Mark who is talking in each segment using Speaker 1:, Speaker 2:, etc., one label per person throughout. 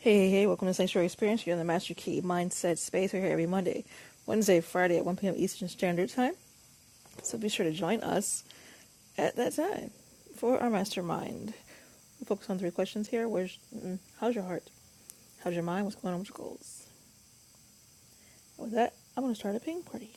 Speaker 1: Hey, hey, hey, welcome to Sanctuary Experience. You're in the Master Key Mindset Space. We're here every Monday, Wednesday, Friday at 1 p.m. Eastern Standard Time. So be sure to join us at that time for our mastermind. We focus on three questions here. Where's, mm, how's your heart? How's your mind? What's going on with your goals? With that, I'm going to start a ping party.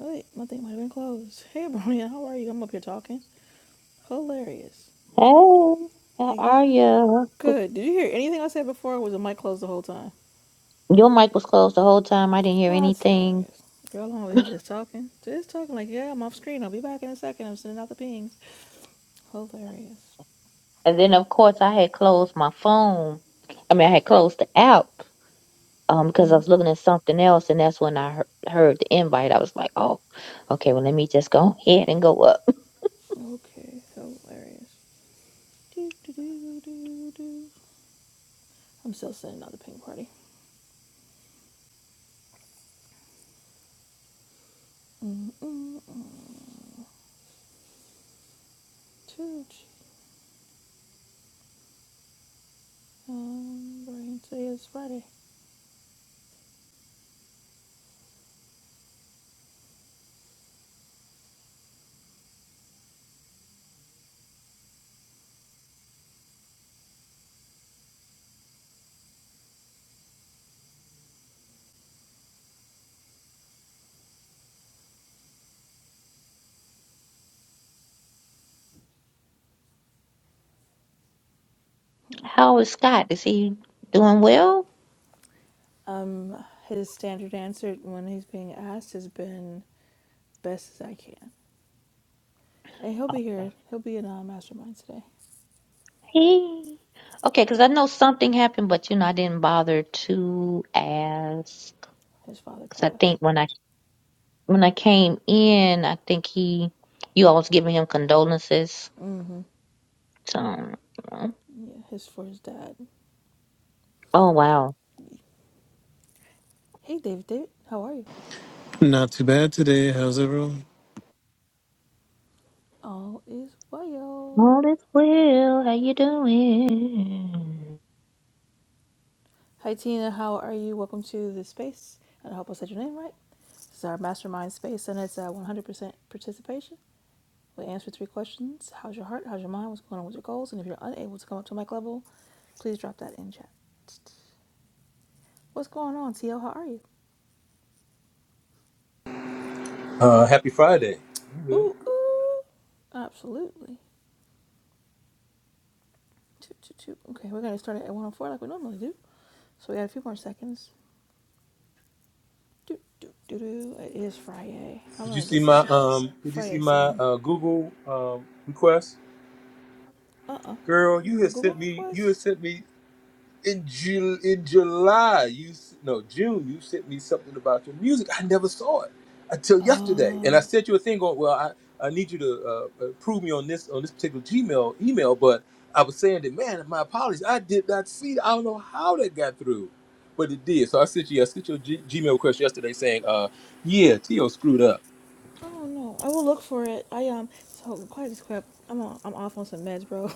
Speaker 1: Oh, wait, my thing might have been closed. Hey, Bronya, how are you? I'm up here talking. Hilarious.
Speaker 2: Hey, how
Speaker 1: Hey,
Speaker 2: are you?
Speaker 1: good. Did you hear anything I said before? Or was the mic closed the whole time?
Speaker 2: Your mic was closed the whole time. I didn't hear
Speaker 1: That's
Speaker 2: anything.
Speaker 1: hilarious. Girl, I'm over here just talking. Just talking like, yeah, I'm off screen. I'll be back in a second. I'm sending out the pings. Hilarious.
Speaker 2: And then, of course, I had closed my phone. I mean, I had closed the app um, because I was looking at something else, and that's when I hear- heard the invite. I was like, oh, okay, well, let me just go ahead and go up.
Speaker 1: Okay, hilarious. Do, do, do, do, do. I'm still sending out the ping party. Um, Mm, mm, mm. Um, Brian, today is Friday.
Speaker 2: How is Scott? Is he doing well?
Speaker 1: Um, his standard answer when he's being asked has been best as I can. And he'll be
Speaker 2: Okay.
Speaker 1: here. He'll be in uh, Mastermind today.
Speaker 2: Hey. Okay, because I know something happened, but, you know, I didn't bother to ask.
Speaker 1: His father
Speaker 2: Because I
Speaker 1: passed.
Speaker 2: think when I when I came in, I think he, you all was giving him condolences.
Speaker 1: Mm-hmm.
Speaker 2: So,
Speaker 1: Yeah, his for his dad.
Speaker 2: oh wow,
Speaker 1: Hey, David. David, how are you?
Speaker 3: Not too bad today. How's everyone?
Speaker 1: All is well.
Speaker 2: all is well. How you doing?
Speaker 1: Hi, Tina. How are you? Welcome to the space. And I hope I said your name right. This is our mastermind space, and it's uh, 100% participation. We answer three questions How's your heart? How's your mind? What's going on with your goals? And if you're unable to come up to mic level, please drop that in chat. What's going on, TL? How are you?
Speaker 4: Uh, happy Friday.
Speaker 1: Ooh, ooh. Absolutely. Toot, toot, toot. Okay, we're going to start at 104 like we normally do. So we got a few more seconds. Doot, doot, doot, doot. It is Friday. I'm
Speaker 4: Did
Speaker 1: going
Speaker 4: you
Speaker 1: to get
Speaker 4: see my
Speaker 1: some
Speaker 4: um? Did you see
Speaker 1: Friday
Speaker 4: my
Speaker 1: sun.
Speaker 4: uh, Google um, request,
Speaker 1: Uh uh
Speaker 4: girl? You
Speaker 1: A
Speaker 4: had
Speaker 1: Google
Speaker 4: sent me. You
Speaker 1: request?
Speaker 4: had sent me in Ju- in July. You s- no June. You sent me something about your music. I never saw it until yesterday, and I
Speaker 1: Oh,
Speaker 4: sent you a thing on. Well, I, I need you to uh, prove me on this on this particular Gmail email, but I was saying that man, my apologies. I did not see. it. I don't know how that got through, but it did. So I sent you. I sent you a G- Gmail request yesterday saying, uh, yeah, Tio screwed up
Speaker 1: I don't know. I will look for it. I um. So quiet as crap. I'm on, I'm off on some meds, bro.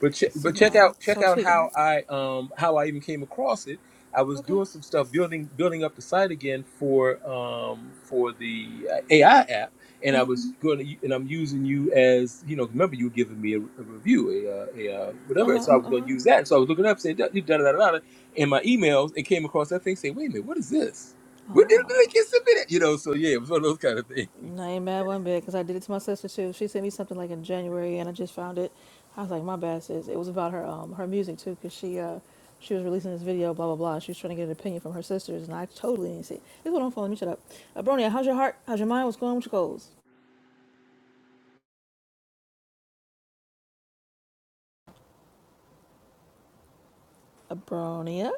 Speaker 4: But ch- but
Speaker 1: Some
Speaker 4: check
Speaker 1: uh.
Speaker 4: out
Speaker 1: So
Speaker 4: check
Speaker 1: I'm
Speaker 4: out
Speaker 1: tweaking.
Speaker 4: how I um how I even came across it. I was
Speaker 1: Okay.
Speaker 4: doing some stuff building building up the site again for um for the uh, AI app, and
Speaker 1: Uh
Speaker 4: I
Speaker 1: huh.
Speaker 4: was going to and I'm using you as you know remember you were giving me a, a review a, uh, a uh,
Speaker 1: Uh
Speaker 4: whatever, and
Speaker 1: huh.
Speaker 4: so I was
Speaker 1: Uh
Speaker 4: going
Speaker 1: huh.
Speaker 4: to use that. So I was looking up saying da da da da da in my emails and came across that thing saying wait a minute what is this? Where did
Speaker 1: Oh,
Speaker 4: they get submitted? You know, so yeah, it was one of those kind of things.
Speaker 1: I ain't mad one bit because I did it to my sister too. She sent me something like in January, and I just found it. I was like, my bad sis. It was about her um her music too, cause she uh she was releasing this video, blah blah blah. She was trying to get an opinion from her sisters, and I totally didn't see. It. This is what I'm following. Let me shut up. Abronia, how's your heart? How's your mind? What's going on with your goals? Abronia.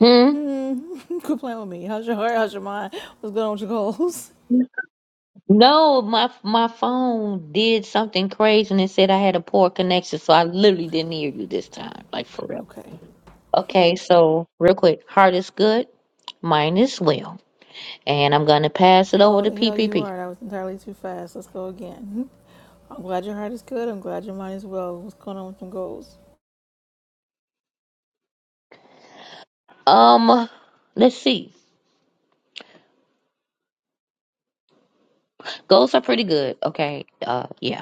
Speaker 2: Hmm.
Speaker 1: Hmm. Quit playing with me. How's your heart? How's your mind? What's going on with your goals?
Speaker 2: No, my my phone did something crazy and it said I had a poor connection, so I literally didn't hear you this time, like for real.
Speaker 1: Okay.
Speaker 2: Okay, so real quick, heart is good, mine is well, and I'm gonna pass it over
Speaker 1: Oh,
Speaker 2: to
Speaker 1: the hell you
Speaker 2: PPP.
Speaker 1: are. That was entirely too fast. Let's go again. I'm glad your heart is good. I'm glad your mind is well. What's going on with your goals?
Speaker 2: Um, let's see, goals are pretty good. Okay, uh, yeah.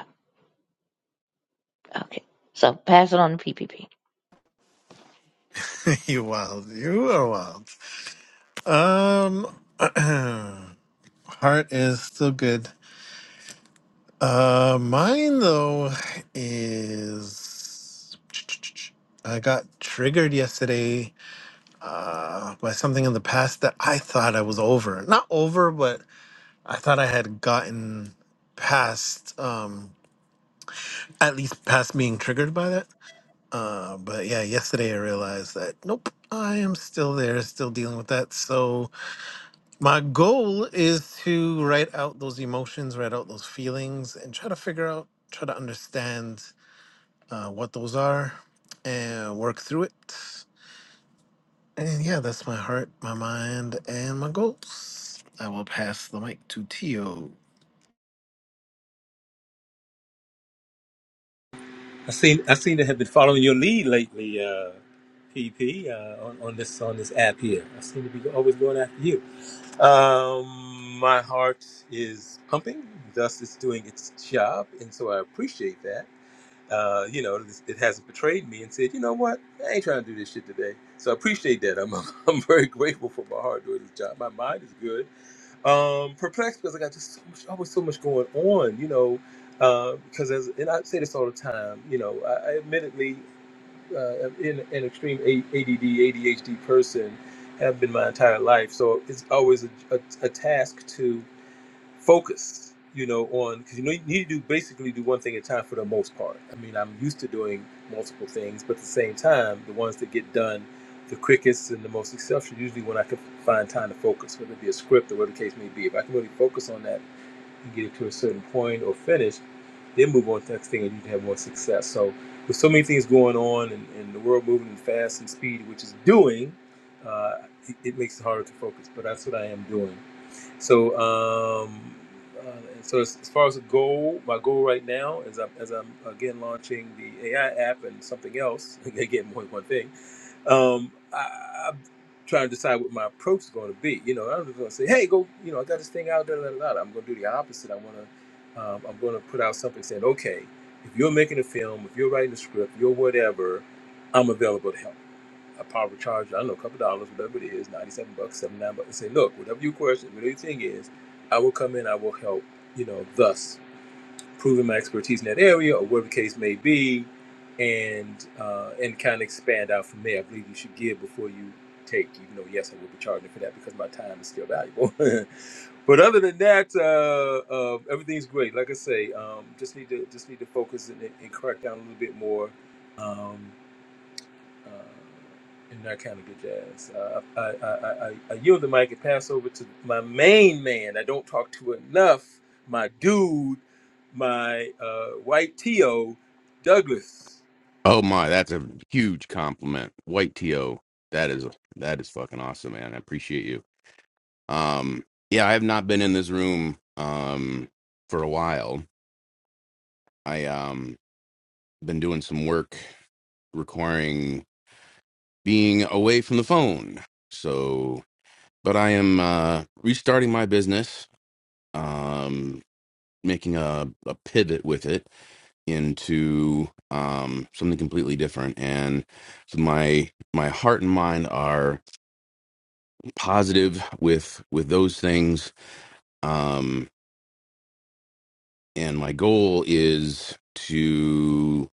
Speaker 2: Okay. So pass it on to PPP.
Speaker 3: you wild. You are wild. Um, heart is still good. Uh, mine though is I got triggered yesterday uh, by something in the past that I thought I was over. Not over, but I thought I had gotten past, um, at least past being triggered by that Uh, but yeah, yesterday I realized that nope, I am still there, still dealing with that. So my goal is to write out those emotions, write out those feelings, and try to figure out, try to understand uh, what those are, and work through it. And yeah, that's my heart, my mind, and my goals. I will pass the mic to Tio.
Speaker 4: I seen I seen to have been following your lead lately, uh, PP, uh, on, on this on this app here. I seem to be always going after you. Um, my heart is pumping, thus it's doing its job, and so I appreciate that. Uh, you know, this- it hasn't betrayed me and said, you know what, I ain't trying to do this shit today. So I appreciate that. I'm I'm very grateful for my heart doing its job. My mind is good um perplexed because I got just so much, always so much going on, you know. Uh, because as and I say this all the time, you know, I, I admittedly uh, am in an extreme A- ADD ADHD person have been my entire life, so it's always a, a, a task to focus, you know, on because you know you need to do basically do one thing at a time for the most part. I mean, I'm used to doing multiple things, but at the same time, the ones that get done the quickest and the most successful usually when I can find time to focus, whether it be a script or whatever the case may be. If I can really focus on that and get it to a certain point or finish, then move on to the next thing and you can have more success. So with so many things going on and, and the world moving fast and speed, which is doing, uh, it, it makes it harder to focus. But that's what I am doing so, um, uh, so as, as far as a goal, my goal right now is I'm, as I'm again launching the AI app and something else. again, more than one thing. Um, I, I'm trying to decide what my approach is going to be. You know, I'm just going to say, hey, go. You know, I got this thing out. Da, da, da, da. I'm going to do the opposite. I want to. Um, I'm going to put out something saying, okay, if you're making a film, if you're writing a script, you're whatever, I'm available to help I probably charge, I don't know, a couple dollars, whatever it is, 97 bucks, 79 bucks, and say, look, whatever your question, whatever your thing is, I will come in, I will help, you know, thus proving my expertise in that area or whatever the case may be, and uh, and kind of expand out from there. I believe you should give before you take, even though, yes, I will be charging for that because my time is still valuable. but other than that, uh, uh, everything's great. Like I say, um, just need to just need to focus and, and crack down a little bit more. Um, uh, and that kind of good jazz. Uh, I, I, I, I, I yield the mic and pass over to my main man. I don't talk to enough. My dude, my uh, white T.O. Douglas.
Speaker 5: Oh my, that's a huge compliment. White TO. That is that is fucking awesome, man. I appreciate you. Um yeah, I have not been in this room um for a while. I um been doing some work requiring being away from the phone. So, but I am uh restarting my business, um making a a pivot with it into um something completely different and so my my heart and mind are positive with with those things um and my goal is to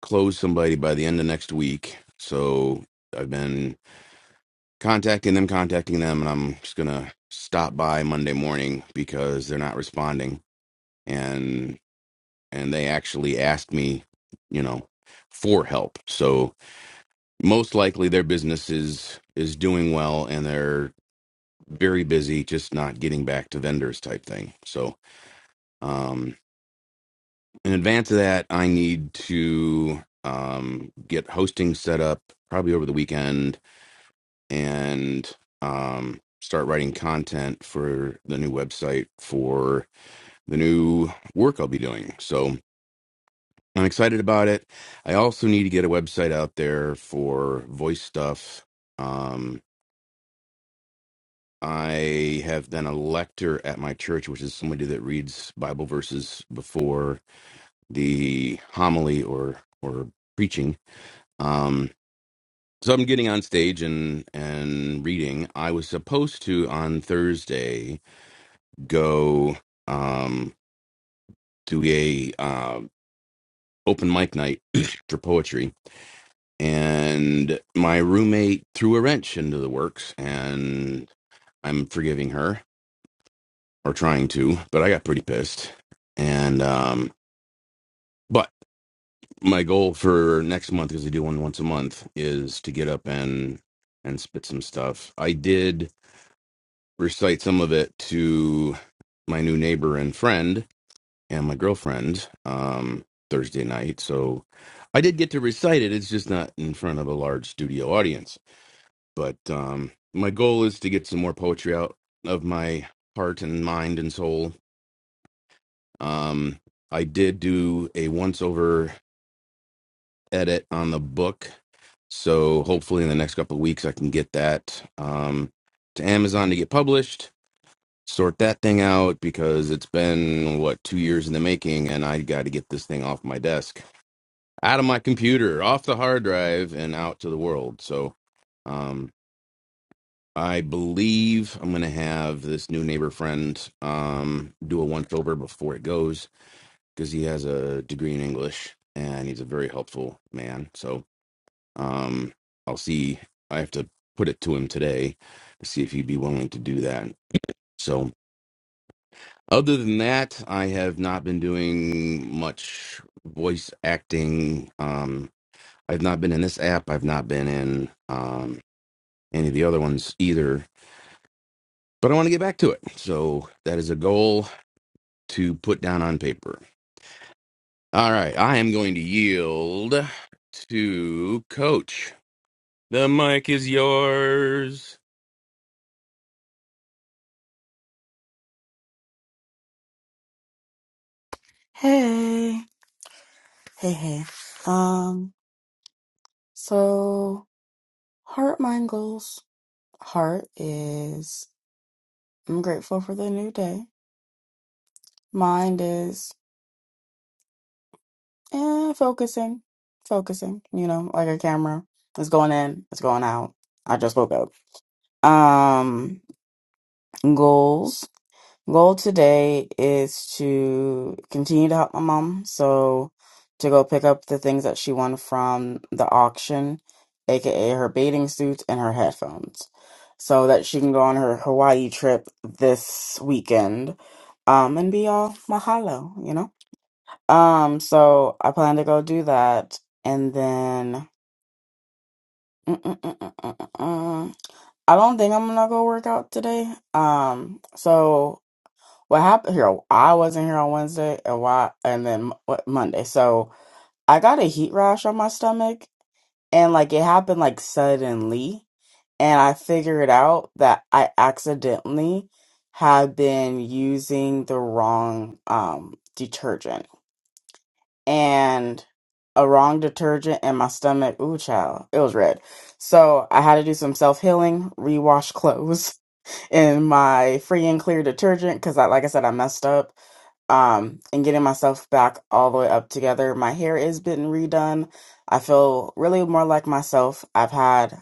Speaker 5: close somebody by the end of next week so i've been contacting them contacting them and i'm just gonna stop by monday morning because they're not responding and and they actually asked me you know for help so most likely their business is is doing well and they're very busy just not getting back to vendors type thing so um in advance of that, I need to um, get hosting set up probably over the weekend and um, start writing content for the new website for the new work I'll be doing. So I'm excited about it. I also need to get a website out there for voice stuff. Um, I have been a lector at my church, which is somebody that reads Bible verses before the homily or or preaching. Um, So I'm getting on stage and and reading. I was supposed to on Thursday go um do a uh, open mic night for poetry, and my roommate threw a wrench into the works, and I'm forgiving her or trying to, but I got pretty pissed. And um, but my goal for next month, because I do one once a month, is to get up and and spit some stuff. I did recite some of it to my new neighbor and friend and my girlfriend um, Thursday night. So I did get to recite it. It's just not in front of a large studio audience. But um, my goal is to get some more poetry out of my heart and mind and soul. Um, I did do a once over edit on the book. So hopefully in the next couple of weeks, I can get that um, to Amazon to get published sort that thing out because it's been what two years in the making and i got to get this thing off my desk out of my computer off the hard drive and out to the world so um i believe i'm gonna have this new neighbor friend um do a once over before it goes because he has a degree in english and he's a very helpful man so um i'll see i have to put it to him today to see if he'd be willing to do that So. Other than that, I have not been doing much voice acting. Um, I've not been in this app. I've not been in um, any of the other ones either. But I want to get back to it. So that is a goal to put down on paper. All right. I am going to yield to Coach. The mic is yours.
Speaker 6: Hey, hey, hey. Um, so heart mind goals. Heart is I'm grateful for the new day. Mind is eh, focusing, focusing. You know, like a camera. It's going in, it's going out. I just woke up. Um, goals. Goal today is to continue to help my mom. So to go pick up the things that she won from the auction, aka her bathing suits and her headphones, so that she can go on her Hawaii trip this weekend, um, and be all mahalo, you know. Um, so I plan to go do that, and then. mm, mm, mm, mm, mm, mm, mm. I don't think I'm gonna go work out today. Um, so what happened here i wasn't here on wednesday and why and then what monday so i got a heat rash on my stomach and like it happened like suddenly and i figured out that i accidentally had been using the wrong um detergent and a wrong detergent and my stomach ooh child it was red so i had to do some self-healing rewash clothes in my free and clear detergent because i like i said i messed up um and getting myself back all the way up together. My hair is been redone. I feel really more like myself. I've had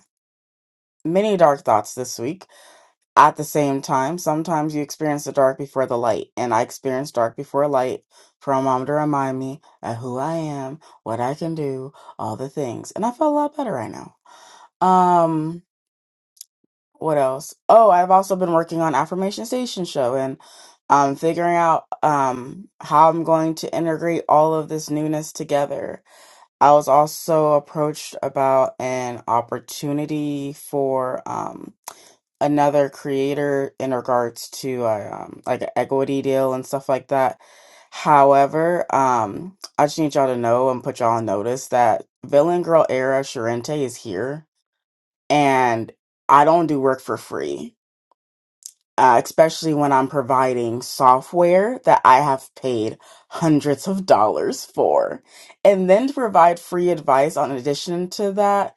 Speaker 6: many dark thoughts this week. At the same time, sometimes you experience the dark before the light, and I experienced dark before light for a mom to remind me of who I am, what I can do, all the things. And I feel a lot better right now. Um what else? Oh, I've also been working on Affirmation Station Show and um figuring out um how I'm going to integrate all of this newness together. I was also approached about an opportunity for um another creator in regards to uh, um like an equity deal and stuff like that. However, um I just need y'all to know and put y'all on notice that Villain Girl era Sharente is here and I don't do work for free uh, especially when I'm providing software that I have paid hundreds of dollars for. And then to provide free advice on addition to that,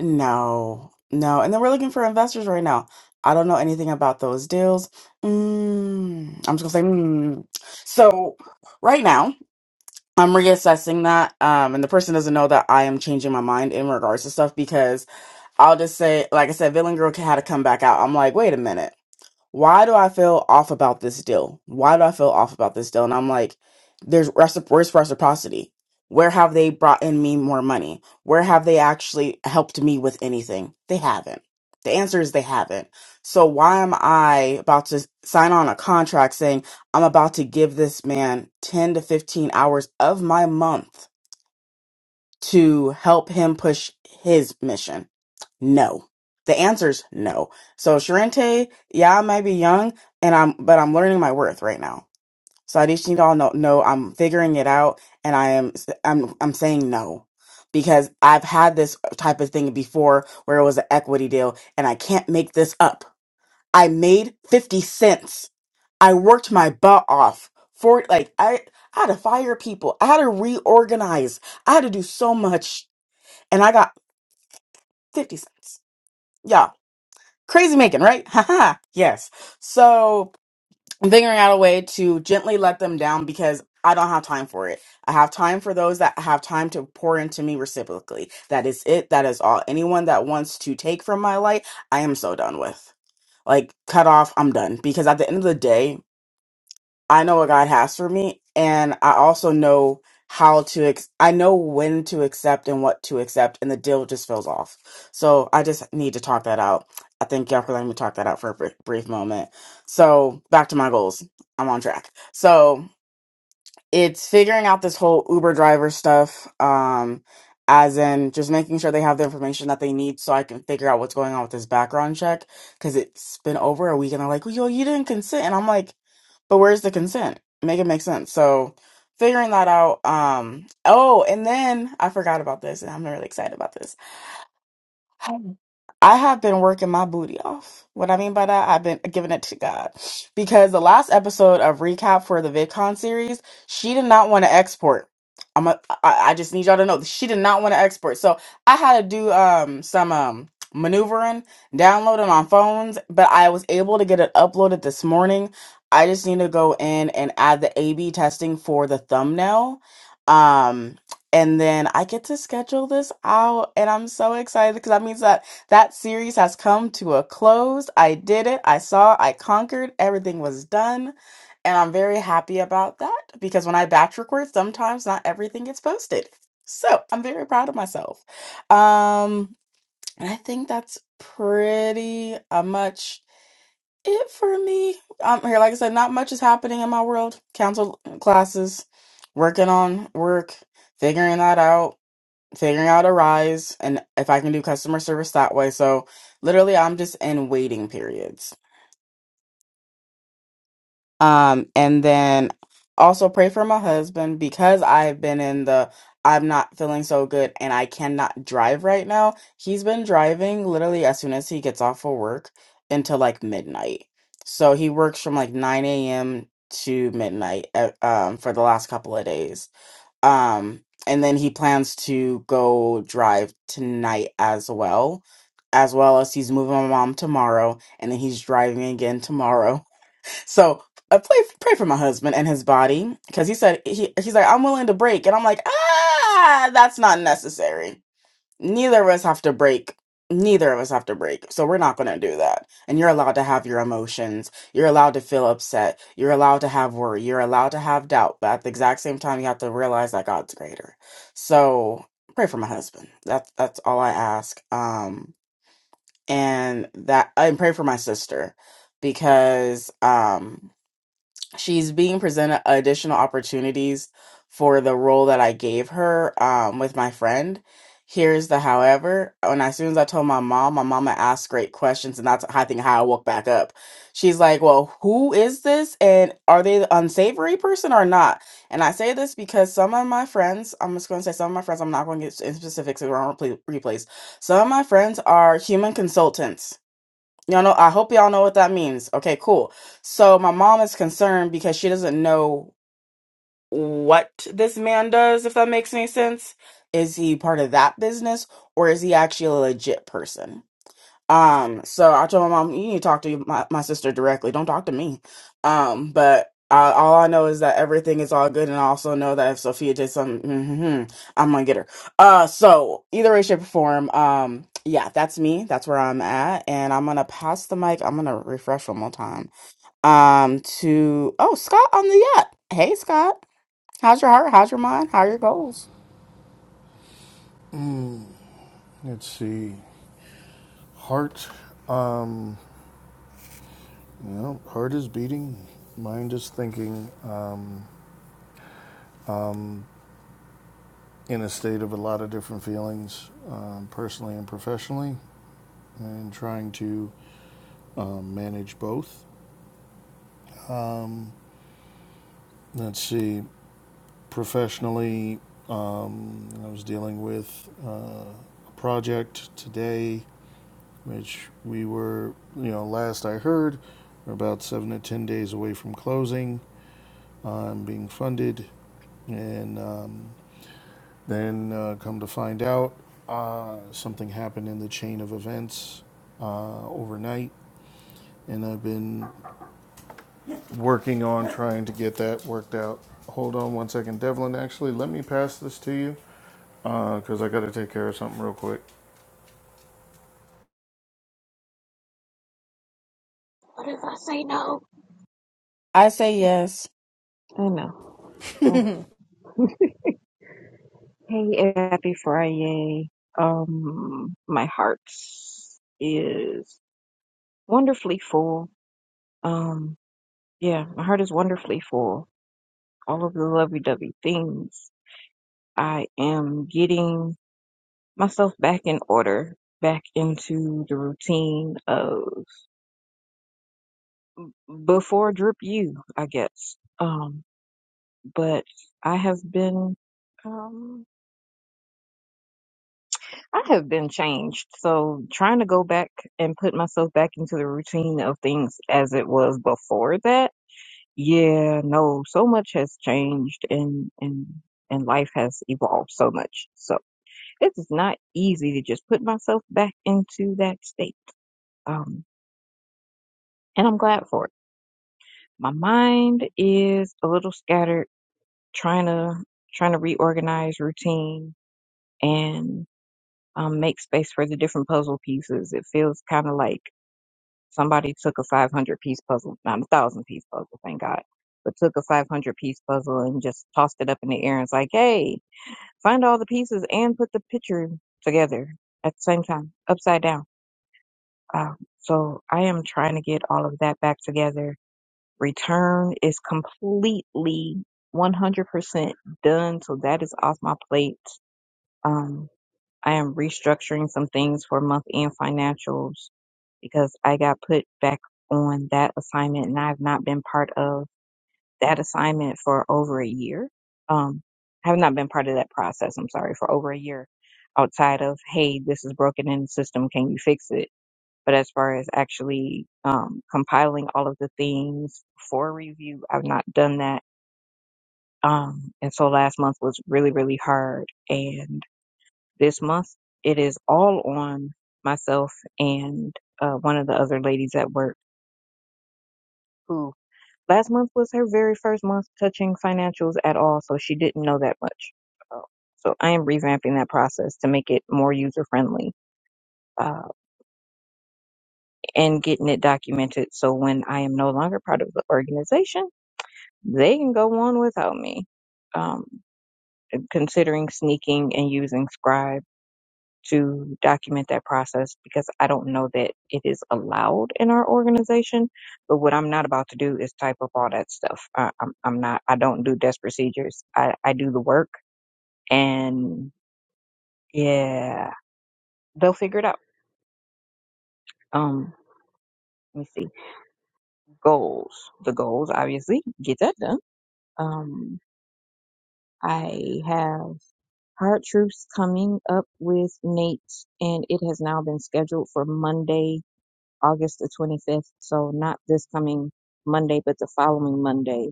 Speaker 6: no, no. And then we're looking for investors right now. I don't know anything about those deals. Mm, I'm just gonna say, mm. so right now I'm reassessing that. Um, and the person doesn't know that I am changing my mind in regards to stuff because I'll just say, like I said, Villain Girl had to come back out. I'm like, wait a minute why do I feel off about this deal? Why do I feel off about this deal? And I'm like, there's recipro- where's reciprocity? Where have they brought in me more money? Where have they actually helped me with anything? They haven't. The answer is they haven't. So why am I about to sign on a contract saying I'm about to give this man 10 to 15 hours of my month to help him push his mission? No. The answer's no. So Sharente, yeah, I might be young and I'm but I'm learning my worth right now. So I just need y'all know know I'm figuring it out and I am I'm I'm saying no. Because I've had this type of thing before where it was an equity deal and I can't make this up. I made 50 cents. I worked my butt off for like I I had to fire people. I had to reorganize. I had to do so much and I got 50 cents. crazy making, right? Haha. yes. So I'm figuring out a way to gently let them down because I don't have time for it. I have time for those that have time to pour into me reciprocally. That is it. That is all. Anyone that wants to take from my light, I am so done with. Like cut off, I'm done. Because at the end of the day, I know what God has for me, and I also know how to. Ex- I know when to accept and what to accept, and the deal just feels off. So I just need to talk that out. I thank y'all for letting me talk that out for a br- brief moment. So back to my goals. I'm on track. So it's figuring out this whole Uber driver stuff, um, as in just making sure they have the information that they need so I can figure out what's going on with this background check. Cause it's been over a week and they're like, well, yo, you didn't consent. And I'm like, but where's the consent? Make it make sense. So figuring that out. Um, oh, and then I forgot about this and I'm really excited about this. I have been working my booty off. What I mean by that, I've been giving it to God. Because the last episode of recap for the VidCon series, she did not want to export. I'm a, I, I just need y'all to know that she did not want to export. So I had to do um some um maneuvering, downloading on phones, but I was able to get it uploaded this morning. I just need to go in and add the A B testing for the thumbnail. Um and then I get to schedule this out, and I'm so excited because that means that that series has come to a close. I did it. I saw. I conquered. Everything was done, and I'm very happy about that because when I batch record, sometimes not everything gets posted. So I'm very proud of myself. Um, and I think that's pretty uh, much it for me. Um, here, like I said, not much is happening in my world. Council uh, classes, working on work, figuring that out figuring out a rise and if I can do customer service that way. So literally I'm just in waiting periods. Um and then also pray for my husband because I've been in the I'm not feeling so good and I cannot drive right now. He's been driving literally as soon as he gets off of work until like midnight. So he works from like 9 a.m. to midnight uh, um, for the last couple of days um, and then he plans to go drive tonight as well, as well as he's moving my mom tomorrow, and then he's driving again tomorrow. So I pray pray for my husband and his body because he said he he's like I'm willing to break, and I'm like ah that's not necessary neither of us have to break neither of us have to break so we're not going to do that and you're allowed to have your emotions you're allowed to feel upset you're allowed to have worry you're allowed to have doubt but at the exact same time you have to realize that god's greater so pray for my husband that's that's all i ask um and that and pray for my sister because um she's being presented additional opportunities for the role that I gave her um, with my friend. Here's the however. When I- as soon as I told my mom, my mama asked great questions, and that's I think how I woke back up. She's like, "Well, who is this, and are they the unsavory person or not?" And I say this because some of my friends, I'm just going to say some of my friends, I'm not going to get in specifics around replays. Some of my friends are human consultants Y'all know, I hope y'all know what that means. Okay, cool. So my mom is concerned because she doesn't know what this man does, if that makes any sense. Is he part of that business or is he actually a legit person? Um, so I told my mom, you need to talk to your- my, my sister directly. Don't talk to me. Um, but uh, all I know is that everything is all good, and I also know that if Sophia did something, hmm I'm gonna get her. Uh, so either way, shape, or form, um, yeah, that's me. That's where I'm at, and I'm gonna pass the mic. I'm gonna refresh one more time. Um, to oh Scott on the yacht. Hey Scott, how's your heart? How's your mind? How are your goals?
Speaker 7: Mm, Let's see. Heart. Um, you know, heart is beating. Mind is thinking. Um, um, in a state of a lot of different feelings, um, personally and professionally, and trying to um, manage both. Um, Let's see. Professionally, um, I was dealing with uh, a project today, which we were, you know, last I heard, we're about seven to ten days away from closing. I'm um, being funded, and um, then uh, come to find out, uh, something happened in the chain of events uh, overnight, and I've been working on trying to get that worked out. Hold on one second, Devlin. Actually, let me pass this to you because uh, I got to take care of something real quick.
Speaker 8: What if I say no?
Speaker 6: I say yes.
Speaker 8: I know. Um, Hey, happy Friday. Um, my heart is wonderfully full. Um, yeah, my heart is wonderfully full. All of the lovey-dovey things. I am getting myself back in order, back into the routine of before drip you, I guess. Um, but I have been. Um. I have been changed. So trying to go back and put myself back into the routine of things as it was before that. Yeah, no, so much has changed and and and life has evolved so much. So it is not easy to just put myself back into that state. Um and I'm glad for it. My mind is a little scattered trying to trying to reorganize routine and um, make space for the different puzzle pieces. It feels kind of like Somebody took a 500 piece puzzle, not a thousand piece puzzle, thank God, but took a 500 piece puzzle and just tossed it up in the air and it's like, hey, find all the pieces and put the picture together at the same time, upside down. Uh, so I am trying to get all of that back together. Return is completely 100% done. So that is off my plate. Um, I am restructuring some things for month end financials because I got put back on that assignment and I've not been part of that assignment for over a year. Um, I have not been part of that process, I'm sorry, for over a year outside of, hey, this is broken in the system, can you fix it? But as far as actually um, compiling all of the things for review, I've not done that. Um, and so last month was really, really hard. and this month it is all on myself and uh, one of the other ladies at work who last month was her very first month touching financials at all so she didn't know that much Uh, so i am revamping that process to make it more user friendly uh, and getting it documented so when i am no longer part of the organization they can go on without me um, considering sneaking and using scribe to document that process because I don't know that it is allowed in our organization. But what I'm not about to do is type up all that stuff. I, I'm, I'm not, I don't do desk procedures. I, I do the work and yeah, they'll figure it out. Um, let me see. Goals. The goals, obviously, get that done. Um, I have Hard Troops coming up with Nate and it has now been scheduled for Monday August the 25th. So not this coming Monday, but the following Monday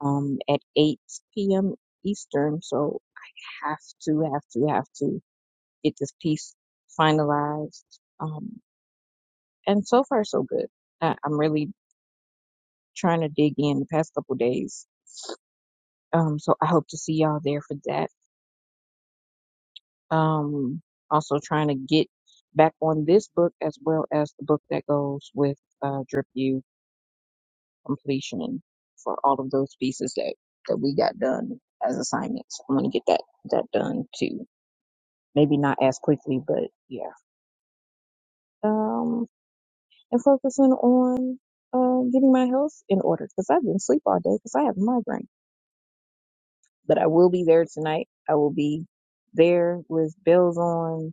Speaker 8: um, at 8 p.m. Eastern. So have to, have to, have to get this piece finalized. Um, and so far, so good. I, I'm really trying to dig in the past couple days. Um, so I hope to see y'all there for that. Um, also trying to get back on this book as well as the book that goes with uh, Drip U. completion for all of those pieces that that we got done as assignments. I'm gonna get that that done too. Maybe not as quickly, but yeah. Um, and focusing on uh getting my health in order because I've been asleep all day because I have a migraine. But I will be there tonight. I will be there with bells on,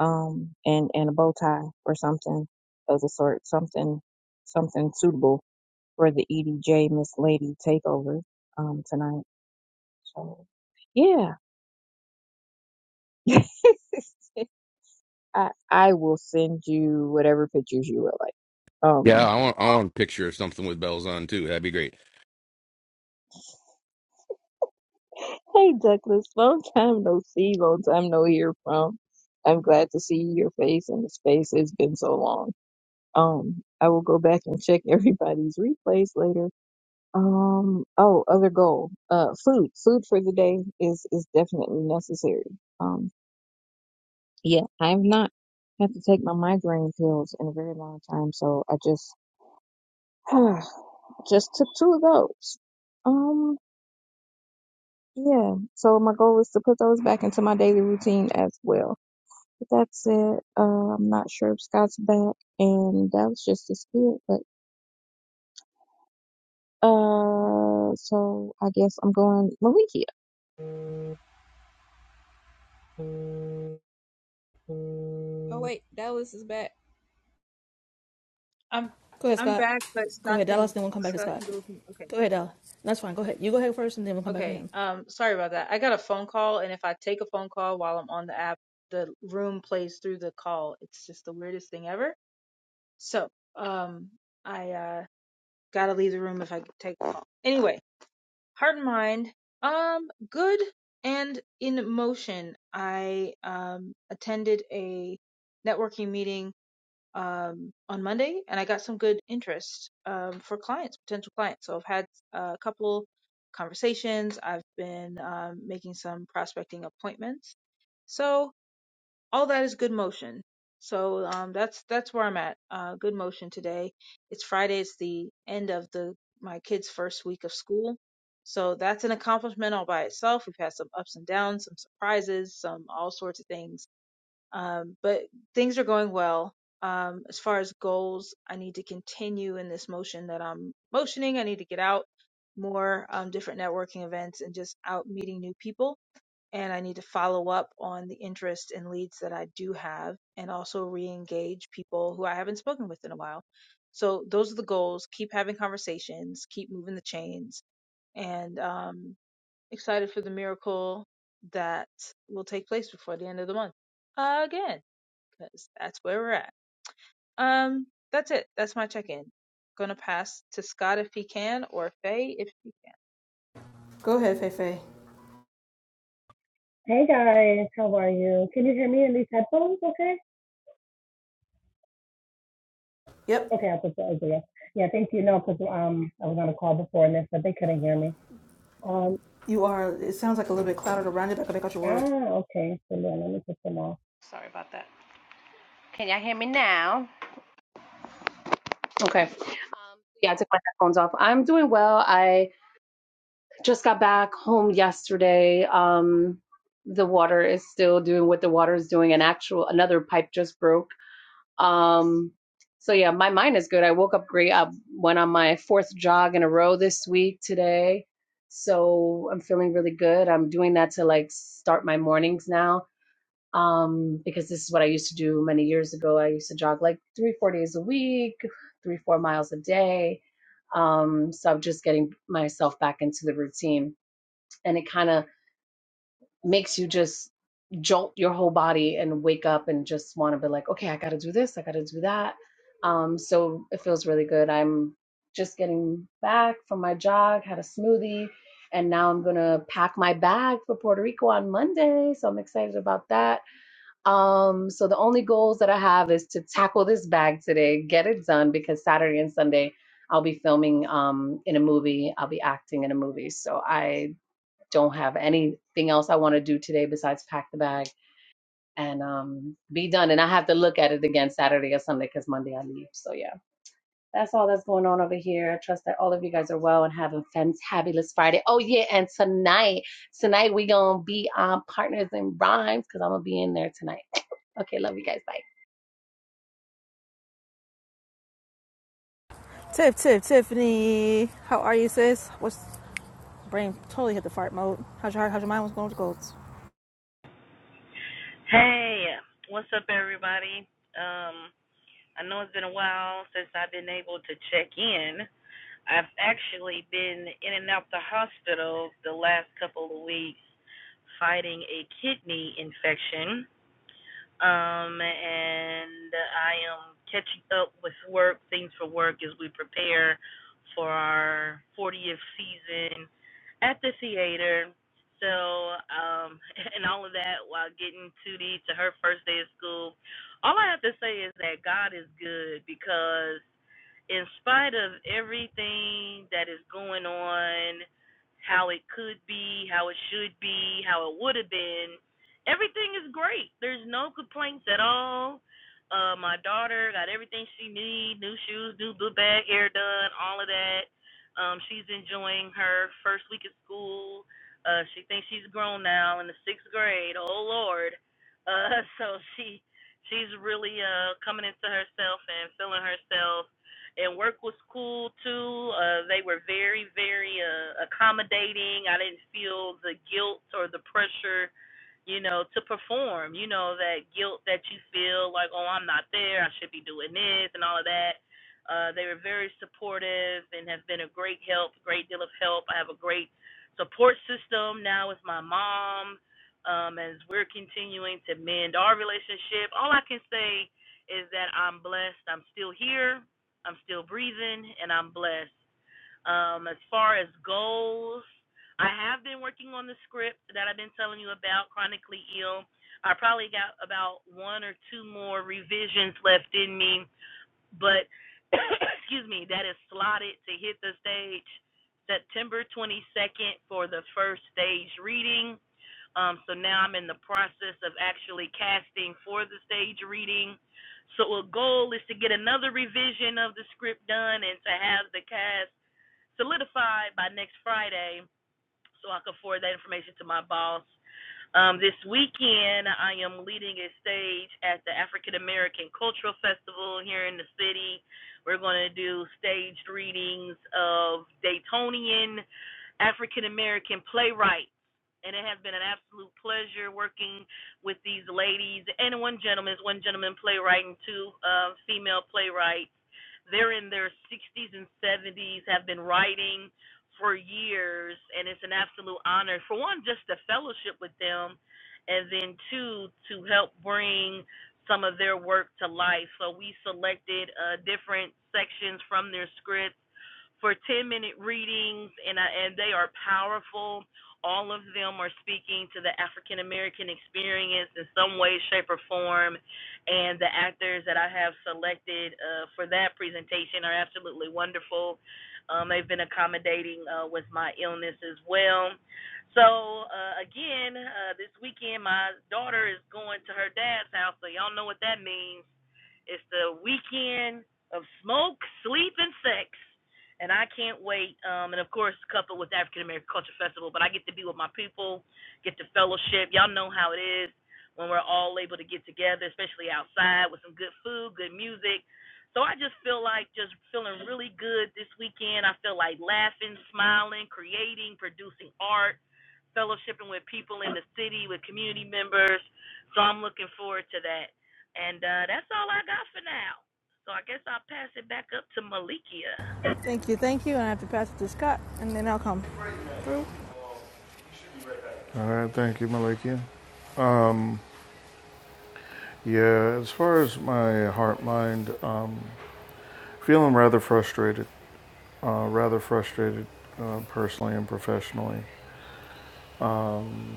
Speaker 8: um, and and a bow tie or something of the sort. Something something suitable for the EDJ Miss Lady takeover um tonight. So, yeah. I, I will send you whatever pictures you would like.
Speaker 5: Yeah,
Speaker 8: Um,
Speaker 5: I want I want a picture of something with bells on too. That'd be great.
Speaker 8: hey Douglas, long time no see, long time no hear from. I'm glad to see your face in the space. It's been so long. Um, I will go back and check everybody's replays later. Um, oh, other goal. Uh, food. Food for the day is is definitely necessary. Um, yeah, I've not had to take my migraine pills in a very long time, so I just Just took two of those. Um, yeah. So my goal is to put those back into my daily routine as well. But that's it. Uh, I'm not sure if Scott's back, and that was just the spirit. But uh, so I guess I'm going Malikia. Oh wait, Dallas is back.
Speaker 9: I'm
Speaker 1: Go ahead,
Speaker 9: I'm
Speaker 1: Scott.
Speaker 9: back, but
Speaker 1: Go
Speaker 9: Scott
Speaker 1: ahead, Dallas.
Speaker 9: can
Speaker 1: Then we'll come back to
Speaker 9: Scott can
Speaker 1: Scott.
Speaker 9: go. From, okay,
Speaker 1: Go ahead, Dallas. That's fine. Go ahead. You go ahead first, and then we'll come back to
Speaker 9: okay.
Speaker 1: him.
Speaker 9: Um, sorry about that. I got a phone call, and if I take a phone call while I'm on the app, the room plays through the call. It's just the weirdest thing ever. So, um, I uh gotta leave the room if I take a call. Anyway, heart and mind, um, good and in motion. I um attended a networking meeting um, on Monday, and I got some good interest um, for clients, potential clients. So I've had a couple conversations. I've been um, making some prospecting appointments. So all that is good motion. So um, that's that's where I'm at. Uh, good motion today. It's Friday. It's the end of the my kids' first week of school. So that's an accomplishment all by itself. We've had some ups and downs, some surprises, some all sorts of things um, but things are going well. Um, as far as goals, I need to continue in this motion that I'm motioning. I need to get out more, um, different networking events and just out meeting new people. And I need to follow up on the interest and leads that I do have and also re engage people who I haven't spoken with in a while. So those are the goals. Keep having conversations, keep moving the chains, and um, excited for the miracle that will take place before the end of the month again because that's where we're at. Um, that's it. That's my check-in. Gonna pass to Scott if he can, or Faye if he can.
Speaker 1: Go ahead, Feifei.
Speaker 10: Hey guys, how are you? Can you hear me in these headphones? Okay.
Speaker 1: Yep.
Speaker 10: Okay, I'll put the over there. Yeah, thank you. No, because um, I was on a call before this, but they couldn't hear me. Um,
Speaker 1: You are. It sounds like a little bit clouded around you, but I can make out your words.
Speaker 10: ah, okay. So then let me put them off. Sorry about that. Can y'all hear me now? Okay. Um, yeah, I took my headphones off. I'm doing well. I just got back home yesterday. Um, the water is still doing what the water is doing. An actual another pipe just broke. Um, so yeah, my mind is good. I woke up great. I went on my fourth jog in a row this week today. So I'm feeling really good. I'm doing that to like start my mornings now. Um, because this is what I used to do many years ago. I used to jog like three, four days a week, three, four miles a day. Um, so I'm just getting myself back into the routine. And it kind of makes you just jolt your whole body and wake up and just want to be like, okay, I got to do this, I got to do that. Um, so it feels really good. I'm just getting back from my jog, had a smoothie, and now I'm gonna pack my bag for Puerto Rico on Monday. So I'm excited about that. Um, so the only goals that I have is to tackle this bag today, get it done because Saturday and Sunday I'll be filming um, in a movie. I'll be acting in a movie. So I don't have anything else I want to do today besides pack the bag and um, be done. And I have to look at it again Saturday or Sunday because Monday I leave. So yeah, that's all that's going on over here. I trust that all of you guys are well and having fantabulous Friday. Oh yeah, and tonight, tonight we gonna be on Partners in Rhymes because I'm gonna be in there tonight. Okay, love you guys. Bye.
Speaker 1: Tiff, Tiff, Tiffany. How are you, sis? What's brain totally hit the fart mode? How's your heart? How's your mind? What's going on with your goals?
Speaker 11: Hey, what's up, everybody? Um, I know it's been a while since I've been able to check in. I've actually been in and out the hospital the last couple of weeks fighting a kidney infection um, and I am catching up with work, things for work as we prepare for our 40th season at the theater. So, um, and all of that while getting Tootie to her first day of school. All I have to say is that God is good because in spite of everything that is going on, how it could be, how it should be, how it would have been, everything is great. There's no complaints at all. Uh, my daughter got everything she needs: new shoes, new blue bag, hair done, all of that. Um, she's enjoying her first week of school. Uh, she thinks she's grown now in the sixth grade. Oh Lord. Uh, so she she's really uh coming into herself and feeling herself and work was cool too. Uh, they were very, very uh, accommodating. I didn't feel the guilt or the pressure, you know, to perform. You know that guilt that you feel like, oh, I'm not there. I should be doing this and all of that. Uh, they were very supportive and have been a great help, great deal of help. I have a great support system now with my mom. Um, as we're continuing to mend our relationship, all I can say is that I'm blessed. I'm still here. I'm still breathing and I'm blessed. Um, as far as goals, I have been working on the script that I've been telling you about, Chronically Ill. I probably got about one or two more revisions left in me but excuse me, that is slotted to hit the stage September 22nd for the first stage reading. Um, so now I'm in the process of actually casting for the stage reading. So a goal is to get another revision of the script done and to have the cast solidified by next Friday, so I can forward that information to my boss um, this weekend, I am leading a stage at the African American Cultural Festival here in the city. We're going to do staged readings of Daytonian African American playwrights. And it has been an absolute pleasure working with these ladies and one gentleman, one gentleman playwright and two uh, female playwrights. They're in their 60s and 70s, have been writing for years, and it's an absolute honor for one just to fellowship with them, and then two to help bring some of their work to life. So we selected uh, different sections from their script for 10 minute readings, and, I, and they are powerful. All of them are speaking to the African American experience in some way, shape, or form. And the actors that I have selected uh, for that presentation are absolutely wonderful. Um, they've been accommodating uh, with my illness as well. So, uh, again, uh, this weekend, my daughter is going to her dad's house, so y'all know what that means it's the weekend of smoke, sleep, and sex. And I can't wait. Um, and of course, coupled with African American Culture Festival, but I get to be with my people, get to fellowship. Y'all know how it is when we're all able to get together, especially outside with some good food, good music. So I just feel like just feeling really good this weekend. I feel like laughing, smiling, creating, producing art, fellowshipping with people in the city, with community members. So I'm looking forward to that. And uh, that's all I got for now. So I guess I'll pass it back up to Malikia.
Speaker 1: Thank you, thank you. And I have to pass it to Scott, and then I'll come through.
Speaker 7: All right, thank you, Malikia. Yeah, as far as my heart mind, um, feeling rather frustrated, uh, rather frustrated uh, personally and professionally. Um,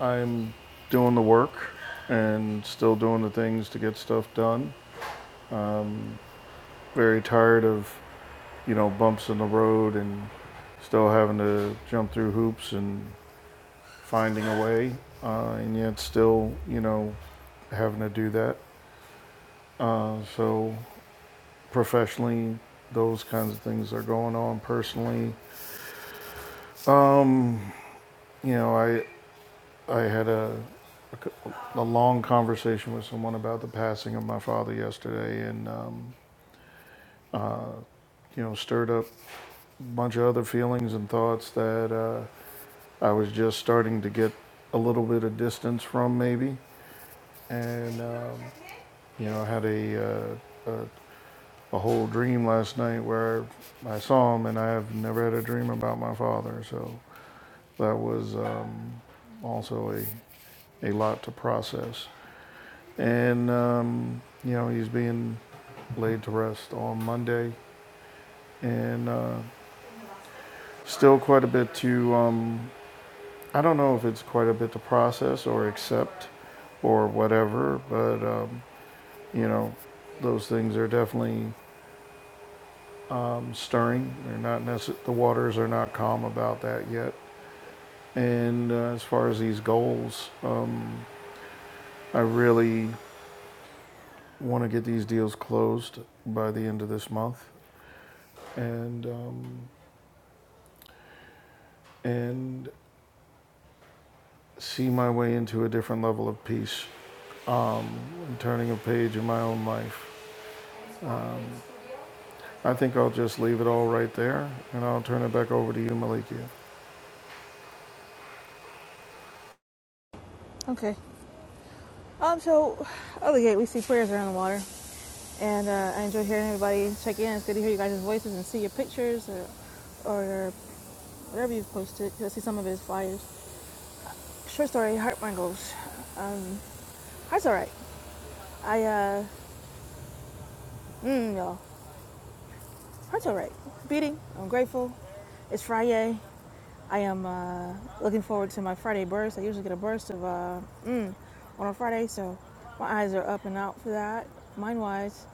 Speaker 7: I'm doing the work and still doing the things to get stuff done. Um, very tired of you know, bumps in the road and still having to jump through hoops and finding a way, uh, and yet still, you know, having to do that. Uh, so professionally, those kinds of things are going on. Personally, um, you know, I I had a a a long conversation with someone about the passing of my father yesterday, and um, you know, stirred up a bunch of other feelings and thoughts that. Uh, I was just starting to get a little bit of distance from maybe. And, um, you know, I had a, uh, a, a whole dream last night where I saw him and I have never had a dream about my father. So that was um, also a, a lot to process. And, um, you know, he's being laid to rest on Monday and uh, still quite a bit to um, I don't know if it's quite a bit to process or accept or whatever, but um, you know, those things are definitely um, stirring. They're not necess- the waters are not calm about that yet. And uh, as far as these goals, um, I really want to get these deals closed by the end of this month, and um, and see my way into a different level of peace and turning a page in my own life. I think I'll just leave it all right there, and I'll turn it back over to you, Malikia.
Speaker 1: Okay. Um. So, other gate, we see prayers around the water, and uh, I enjoy hearing everybody check in. It's good to hear you guys' voices and see your pictures or, or your whatever you've posted. 'cause I see some of it as flyers. Short story, heart mangles. Um, heart's all right. I uh, mm, y'all. Heart's all right. Beating. I'm grateful. It's Friday. I am uh, looking forward to my Friday burst. I usually get a burst of uh, mm, on a Friday, so my eyes are up and out for that. Mine wise,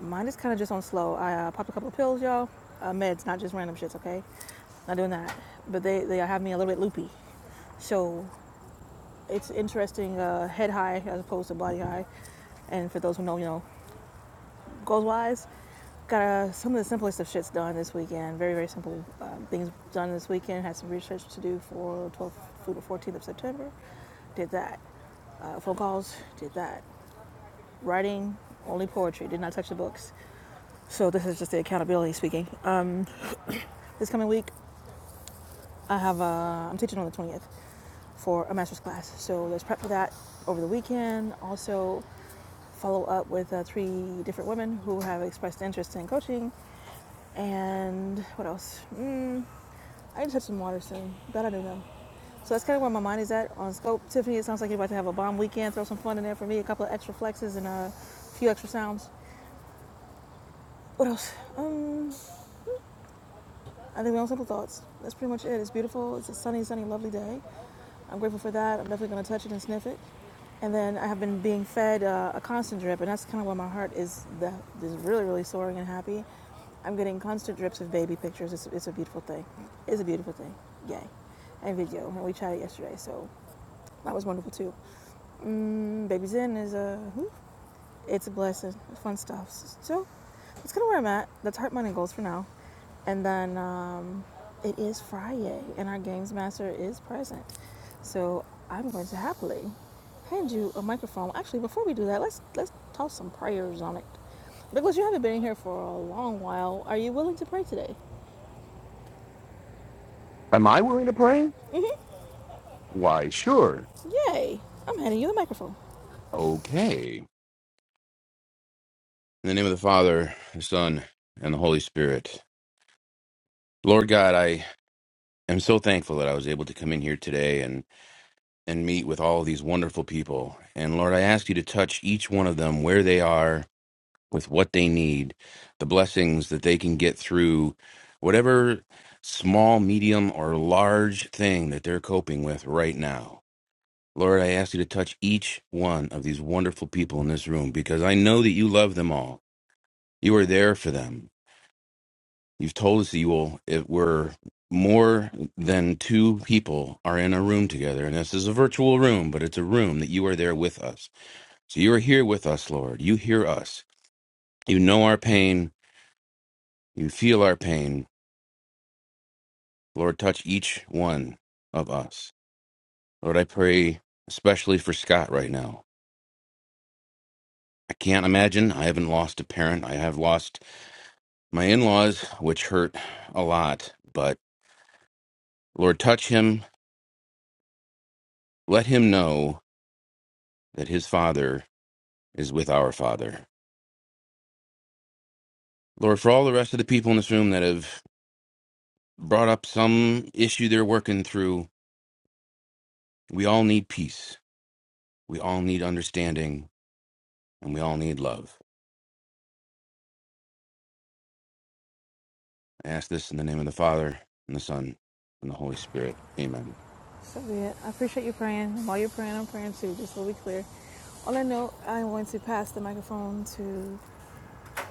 Speaker 1: mine is kind of just on slow. I uh, popped a couple of pills, y'all. Uh, meds, not just random shits, okay? Not doing that. But they, they have me a little bit loopy. So it's interesting uh, head high as opposed to body high. And for those who know, you know, Goals wise, got uh, some of the simplest of shits done this weekend. Very, very simple um, things done this weekend. Had some research to do for 12th through the 14th of September. Did that. Uh, phone calls, did that. Writing, only poetry. Did not touch the books. So this is just the accountability speaking. Um, this coming week, I have a. am teaching on the 20th for a master's class. So there's prep for that over the weekend. Also, follow up with uh, three different women who have expressed interest in coaching And what else? Mm, I need to touch some water soon. That I do know. So that's kind of where my mind is at on scope. Tiffany, it sounds like you're about to have a bomb weekend. Throw some fun in there for me. A couple of extra flexes and uh, a few extra sounds. What else? Um, I think my own simple thoughts. That's pretty much it. It's beautiful. It's a sunny, sunny, lovely day. I'm grateful for that. I'm definitely going to touch it and sniff it. And then I have been being fed uh, a constant drip, and that's kind of why my heart is the, is really, really soaring and happy. I'm getting constant drips of baby pictures. It's, it's a beautiful thing. It's a beautiful thing. Yay. And video. And we chatted yesterday, so that was wonderful too. Mm, Babies in is a. Uh, it's a blessing. Fun stuff. So that's kind of where I'm at. That's heart, mind, and goals for now. And then um, it is Friday, and our games master is present. So I'm going to happily hand you a microphone. Actually, before we do that, let's let's toss some prayers on it. Because you haven't been here for a long while. Are you willing to pray today?
Speaker 5: Am I willing to play?
Speaker 1: Mm-hmm.
Speaker 5: Why, sure.
Speaker 1: Yay! I'm handing you the microphone.
Speaker 5: Okay. In the name of the Father, the Son, and the Holy Spirit. Lord God, I am so thankful that I was able to come in here today and, and meet with all these wonderful people. And Lord, I ask you to touch each one of them where they are, with what they need, the blessings that they can get through whatever small, medium, or large thing that they're coping with right now. Lord, I ask you to touch each one of these wonderful people in this room because I know that you love them all. You are there for them. You've told us that you will, if we're more than two people are in a room together, and this is a virtual room, but it's a room that you are there with us. So you are here with us, Lord. You hear us. You know our pain. You feel our pain. Lord, touch each one of us. Lord, I pray especially for Scott right now. I can't imagine. I haven't lost a parent. I have lost my in laws, which hurt a lot. But Lord, touch him. Let him know that his father is with our Father. Lord, for all the rest of the people in this room that have brought up some issue they're working through, we all need peace. We all need understanding, and we all need love. I ask this in the name of the Father, and the Son, and the Holy Spirit. Amen.
Speaker 1: So be it. I appreciate you praying. While you're praying, I'm praying too, just so we clear. On that note, I'm going to pass the microphone to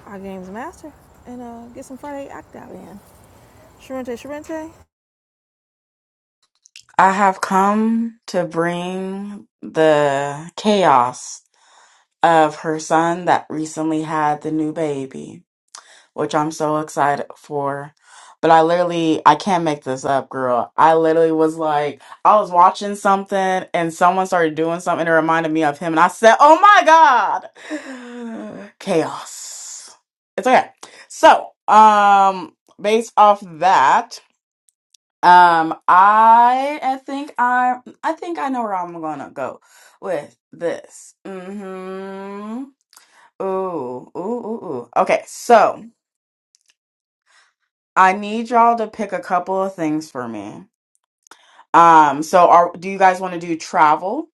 Speaker 1: our games master and uh, get some Friday act out in. Sharente, Sharente,
Speaker 6: I have come to bring the chaos of her son that recently had the new baby, which I'm so excited for. But I literally, I can't make this up, girl. I literally was like, I was watching something and someone started doing something that reminded me of him. And I said, Oh my God, chaos. It's okay. So, um, based off that, um, I I think I I think I know where I'm gonna go with this. Mm-hmm. Ooh, ooh, ooh, ooh. Okay, so I need y'all to pick a couple of things for me. Um, so are do you guys want to do travel?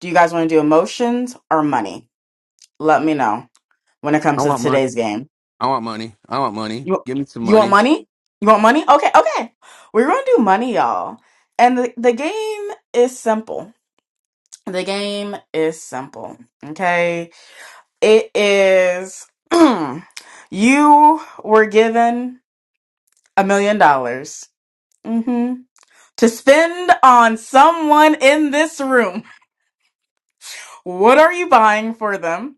Speaker 6: Do you guys want to do emotions or money? Let me know when it
Speaker 5: I
Speaker 6: comes to
Speaker 5: want money.
Speaker 6: today's game.
Speaker 5: I want money. I want money.
Speaker 6: You
Speaker 5: Give me some
Speaker 6: you want
Speaker 5: money.
Speaker 6: money? You want money? Okay, okay. We're gonna do money, y'all. And the, the game is simple. The game is simple, okay? It is you were given a million dollars mhm, to spend on someone in this room. What are you buying for them?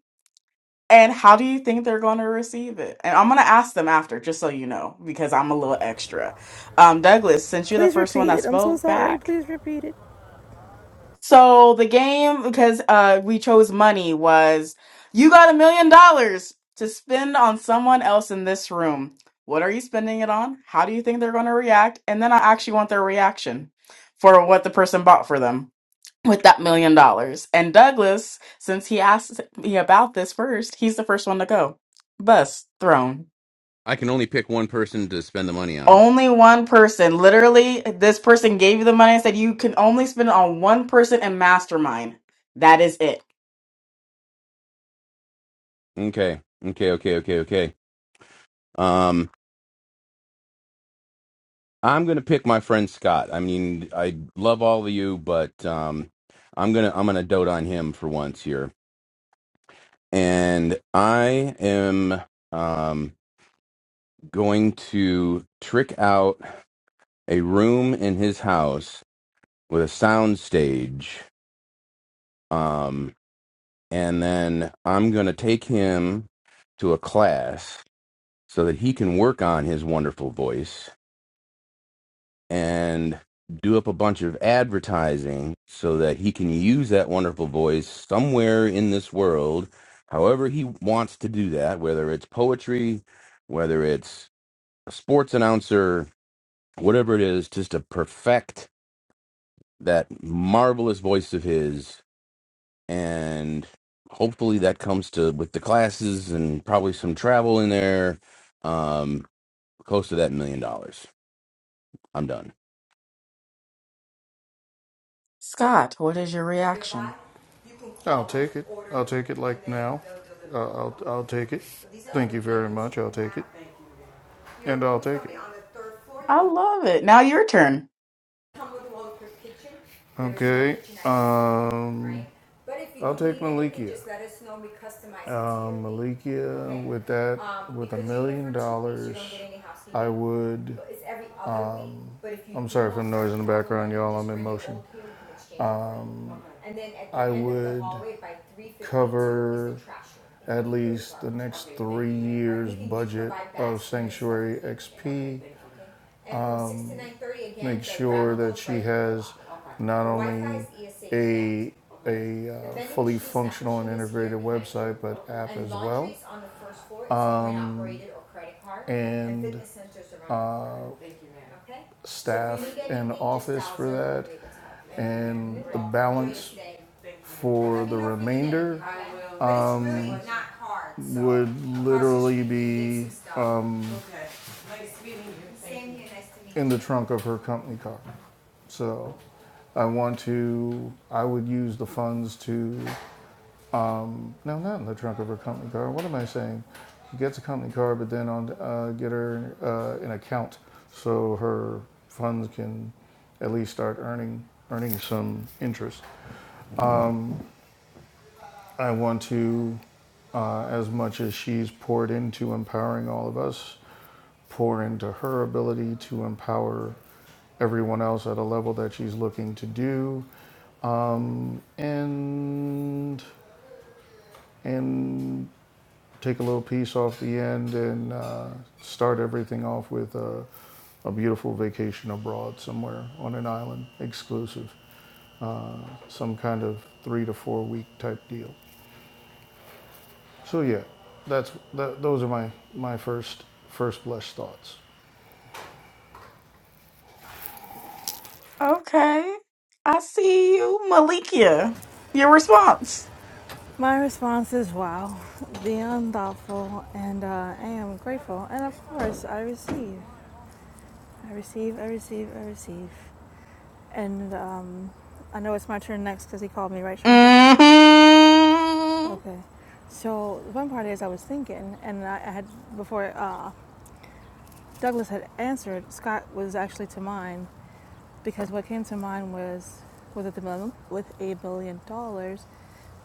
Speaker 6: And how do you think they're going to receive it? And I'm going to ask them after, just so you know, because I'm a little extra. Um, Douglas, since you're the
Speaker 1: please
Speaker 6: first one
Speaker 1: repeat
Speaker 6: that
Speaker 1: it. I'm so
Speaker 6: spoke
Speaker 1: sorry.
Speaker 6: back,
Speaker 1: Please repeat it.
Speaker 6: So the game, because uh, we chose money, was you got a million dollars to spend on someone else in this room. What are you spending it on? How do you think they're going to react? And then I actually want their reaction for what the person bought for them with that million dollars. And Douglas, since he asked me about this first, he's the first one to go. Bus thrown.
Speaker 5: I can only pick one person to spend the money on.
Speaker 6: Only one person. Literally, this person gave you the money and said you can only spend it on one person and mastermind. That is it.
Speaker 5: Okay. Okay. Okay. Okay. Okay. Um, I'm gonna pick my friend Scott. I mean, I love all of you, but um, I'm gonna I'm gonna dote on him for once here, and I am um, going to trick out a room in his house with a sound stage, um, and then I'm gonna take him to a class so that he can work on his wonderful voice and do up a bunch of advertising so that he can use that wonderful voice somewhere in this world, however he wants to do that, whether it's poetry, whether it's a sports announcer, whatever it is, just to perfect that marvelous voice of his. And hopefully that comes to with the classes and probably some travel in there, um, close to that million dollars. I'm done.
Speaker 6: Scott, what is your reaction?
Speaker 7: I'll take it. I'll take it like now. Uh, I'll, I'll take it. Thank you very much. I'll take it. And I'll take it.
Speaker 6: I love it. Now your turn.
Speaker 7: Okay. Um, right? I'll take need Malikia. Um, need, Malikia, okay? with that, Um, with a million dollars, I would. Um, I'm sorry for the noise in the background, you all I'm in motion. Um, Uh-huh. I would cover at really least the next three right? years' budget of Sanctuary so XP make sure that she has not only a a uh, fully functional and integrated website but app as well. and, Uh, staff and office for that, and the balance for the remainder would literally be um, in the trunk of her company car. So I want to, I would use the funds to, no, not in the trunk of her company car. What am I saying? She gets a company car, but then on, uh, get her uh, an account so her funds can at least start earning, earning some interest. I want to, uh, as much as she's poured into empowering all of us, pour into her ability to empower everyone else at a level that she's looking to do, and and take a little piece off the end and uh, start everything off with a, a beautiful vacation abroad somewhere on an island, exclusive, some kind of three to four week type deal. So yeah, that's that, those are my my first first blessed thoughts.
Speaker 6: Okay. I see you, Malikia. Your response.
Speaker 1: My response is wow, beyond thoughtful, and uh, I am grateful. And of course, I receive. I receive, I receive, I receive. And um, I know it's my turn next because he called me, right, Sharente?
Speaker 6: hmm
Speaker 1: Okay. So the fun part is, I was thinking, and I I had before uh, Douglas had answered, Scott was actually to mine, Because what came to mind was with a, billion dollars,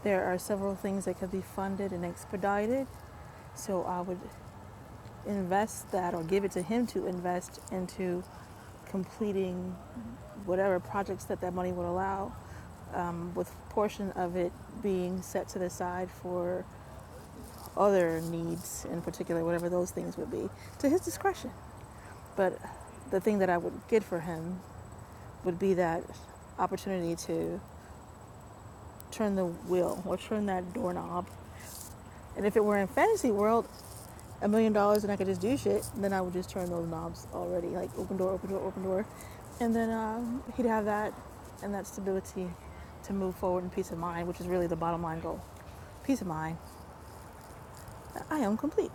Speaker 1: there are several things that could be funded and expedited. So I would invest that or give it to him to invest into completing whatever projects that that money would allow, um, with a portion of it being set to the side for other needs in particular, whatever those things would be, to his discretion. But the thing that I would get for him would be that opportunity to turn the wheel or turn that doorknob. And if it were in fantasy world, a million dollars and I could just do shit, then I would just turn those knobs already, like open door, open door, open door, and then um, he'd have that and that stability to move forward in peace of mind, which is really the bottom line goal. Peace of mind. I am complete.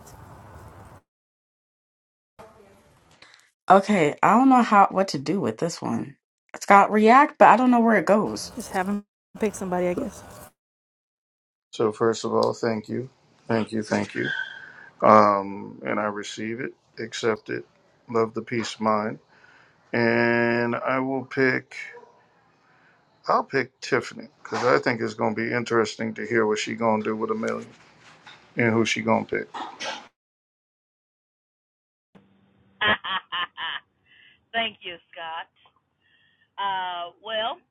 Speaker 6: Okay, I don't know how what to do with this one. Scott, react, but I don't know where it goes.
Speaker 1: Just haven't picked somebody, I guess.
Speaker 7: So first of all, thank you, thank you, thank you, and I receive it, accept it, love the peace of mind, and I will pick. I'll pick Tiffany because I think it's going to be interesting to hear what she going to do with a million and who she going to pick.
Speaker 11: Thank you, Scott. Uh, well,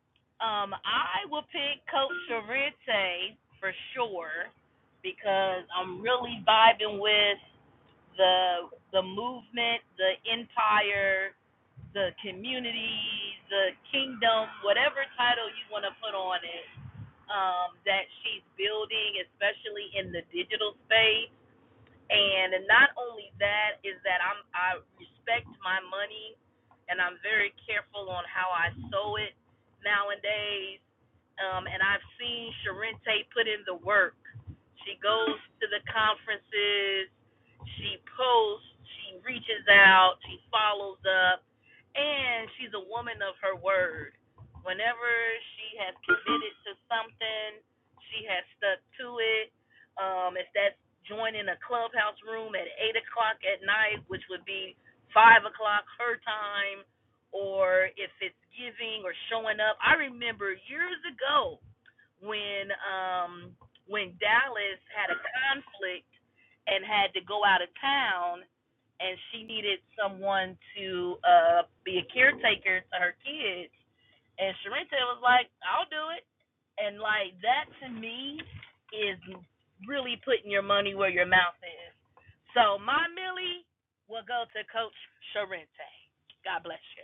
Speaker 11: um, I will pick Coach Sorrente for sure because I'm really vibing with the the movement, the empire, the community, the kingdom, whatever title you want to put on it, um, that she's building, especially in the digital space And not only that is that I'm I respect my money and I'm very careful on how I sow it nowadays um, and I've seen Sharente put in the work. She goes to the conferences, she posts, she reaches out, she follows up, and she's a woman of her word. Whenever she has committed to something, she has stuck to it. Um, if that's joining a clubhouse room at eight o'clock at night, which would be five o'clock her time, or if it's giving or showing up. I remember years ago when um when Dallas had a conflict and had to go out of town and she needed someone to uh be a caretaker to her kids and Sharente was like, I'll do it and like that to me is really putting your money where your mouth is. So my Millie will go to Coach Sharente. God bless you.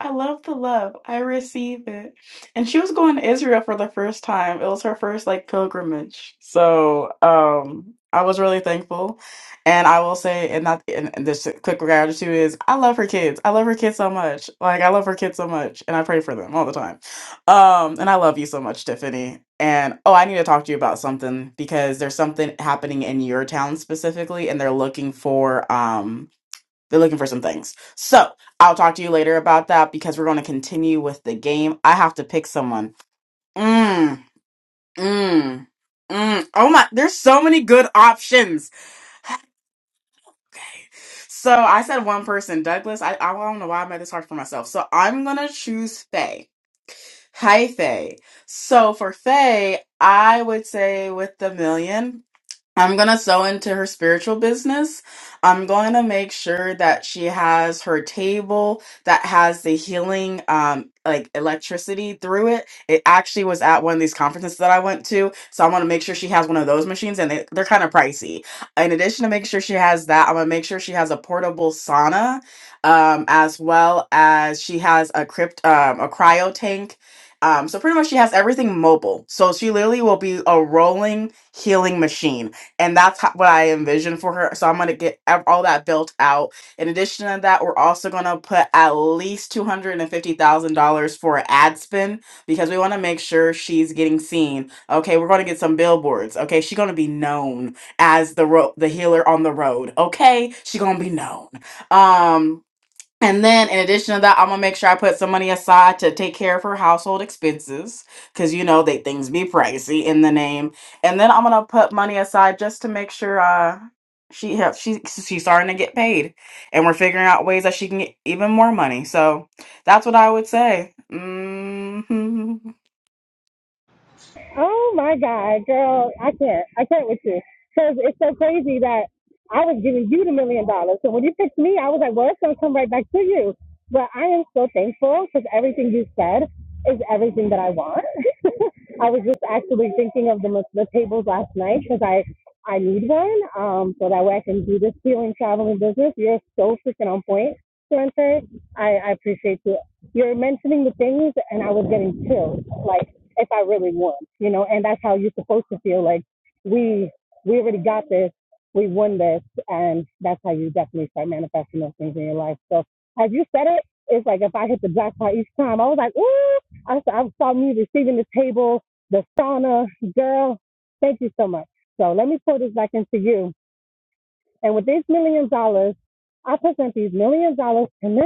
Speaker 6: I love the love. I receive it. And she was going to Israel for the first time. It was her first like pilgrimage. So um I was really thankful. And I will say, and not and and this quick gratitude is I love her kids. I love her kids so much. Like I love her kids so much. And I pray for them all the time. Um and I love you so much, Tiffany. And oh, I need to talk to you about something because there's something happening in your town specifically, and they're looking for um they're looking for some things. So I'll talk to you later about that because we're going to continue with the game. I have to pick someone. Mm, mm, mm. Oh my, there's so many good options. Okay. So I said one person, Douglas. I, I don't know why I made this hard for myself. So I'm going to choose Faye. Hi, Faye. So for Faye, I would say with the million. I'm going to sow into her spiritual business. I'm going to make sure that she has her table that has the healing, um, like electricity through it. It actually was at one of these conferences that I went to. So I want to make sure she has one of those machines and they, they're kind of pricey. In addition to make sure she has that, I'm going to make sure she has a portable sauna, um, as well as she has a crypt, um, a cryo tank. Um, so pretty much she has everything mobile. So she literally will be a rolling healing machine and that's ho- what I envision for her. So I'm gonna get ev- all that built out. In addition to that, we're also gonna put at least two hundred and fifty thousand dollars for an ad spin because we want to make sure she's getting seen. Okay, we're gonna get some billboards. Okay, she's gonna be known as the ro- the healer on the road. Okay, she's gonna be known. Um. And then, in addition to that, I'm gonna make sure I put some money aside to take care of her household expenses, cause you know they things be pricey in the name. And then I'm gonna put money aside just to make sure uh she have she she's starting to get paid, and we're figuring out ways that she can get even more money. So that's what I would say. hmm
Speaker 10: Oh my God, girl, I can't. I can't with you. Because it's so crazy that I was giving you the million dollars. So when you picked me, I was like, well, it's going to come right back to you. But I am so thankful because everything you said is everything that I want. I was just actually thinking of the, the tables last night because I, I need one um, so that way I can do this healing traveling business. You're so freaking on point, Spencer. I, I appreciate you. You're mentioning the things, and I was getting chills. Like, if I really won, you know, and that's how you're supposed to feel like we we already got this, we won this, and that's how you definitely start manifesting those things in your life. So as you said it, it's like if I hit the jackpot each time, I was like, ooh, I saw, I saw me receiving the table, the sauna, girl. Thank you so much. So let me pull this back into you. And with these million dollars, I present these million dollars to Miss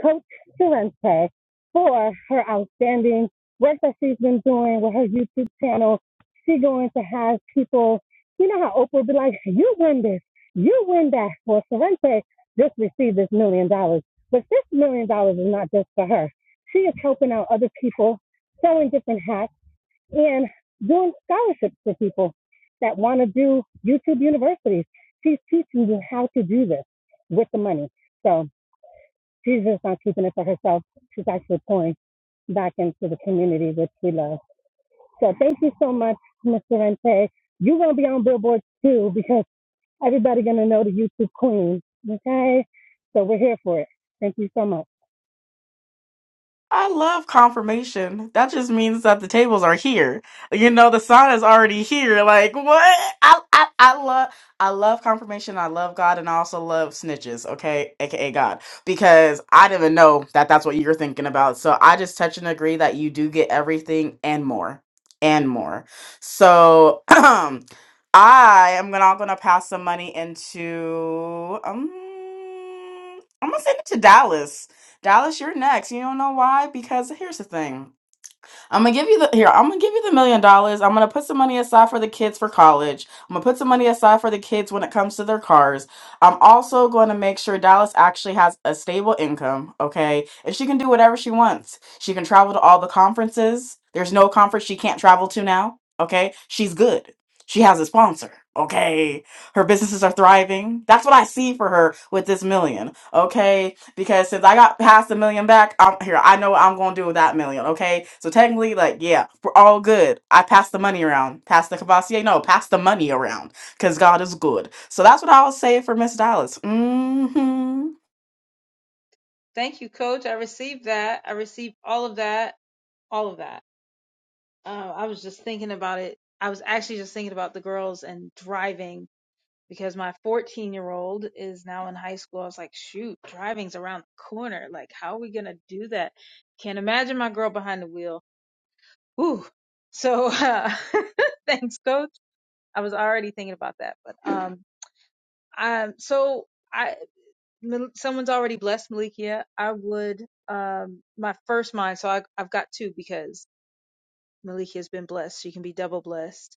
Speaker 10: Coach Sorrente for her outstanding work that she's been doing with her YouTube channel. She going to have people, you know how Oprah be like, you win this, you win that. Well, Sorrente just received this million dollars. But this million dollars is not just for her. She is helping out other people, selling different hats, and doing scholarships for people that want to do YouTube universities. She's teaching you how to do this with the money. So she's just not keeping it for herself. She's actually pouring back into the community, which we love. So thank you so much, Mr. Rente. You're gonna be on billboards too because everybody gonna know the YouTube queen. Okay, so we're here for it. Thank you so much.
Speaker 6: I love confirmation. That just means that the tables are here. You know, the sign is already here. Like what? I I, I love I love confirmation. I love God, and I also love snitches. Okay, aka God, because I didn't even know that that's what you're thinking about. So I just touch and agree that you do get everything and more and more. So I am gonna gonna pass some money into um I'm gonna send it to Dallas Dallas, you're next. You don't know why? Because here's the thing. I'm gonna give you the here, I'm gonna give you the million dollars. I'm gonna put some money aside for the kids for college. I'm gonna put some money aside for the kids when it comes to their cars. I'm also gonna make sure Dallas actually has a stable income, okay? And she can do whatever she wants. She can travel to all the conferences. There's no conference she can't travel to now, okay? She's good. She has a sponsor, okay? Her businesses are thriving. That's what I see for her with this million, okay? because since I got past the million back, I'm here. I know what I'm gonna do with that million. Okay, so technically, like, yeah, we're all good. I passed the money around. Pass the cabassier. No, pass the money around because God is good. So that's what I'll say for Miss Dallas. Mm-hmm.
Speaker 9: Thank you, Coach. I received that. I received all of that. All of that. Uh, I was just thinking about it. I was actually just thinking about the girls and driving because my 14-year-old is now in high school. I was like, shoot, driving's around the corner. Like, how are we gonna do that? Can't imagine my girl behind the wheel. Ooh. So, uh, thanks, Coach. I was already thinking about that, but um, Um, so I, Mal- someone's already blessed Malikia. I would, um, my first mind. So I, I've got two because Malikia has been blessed. She can be double blessed.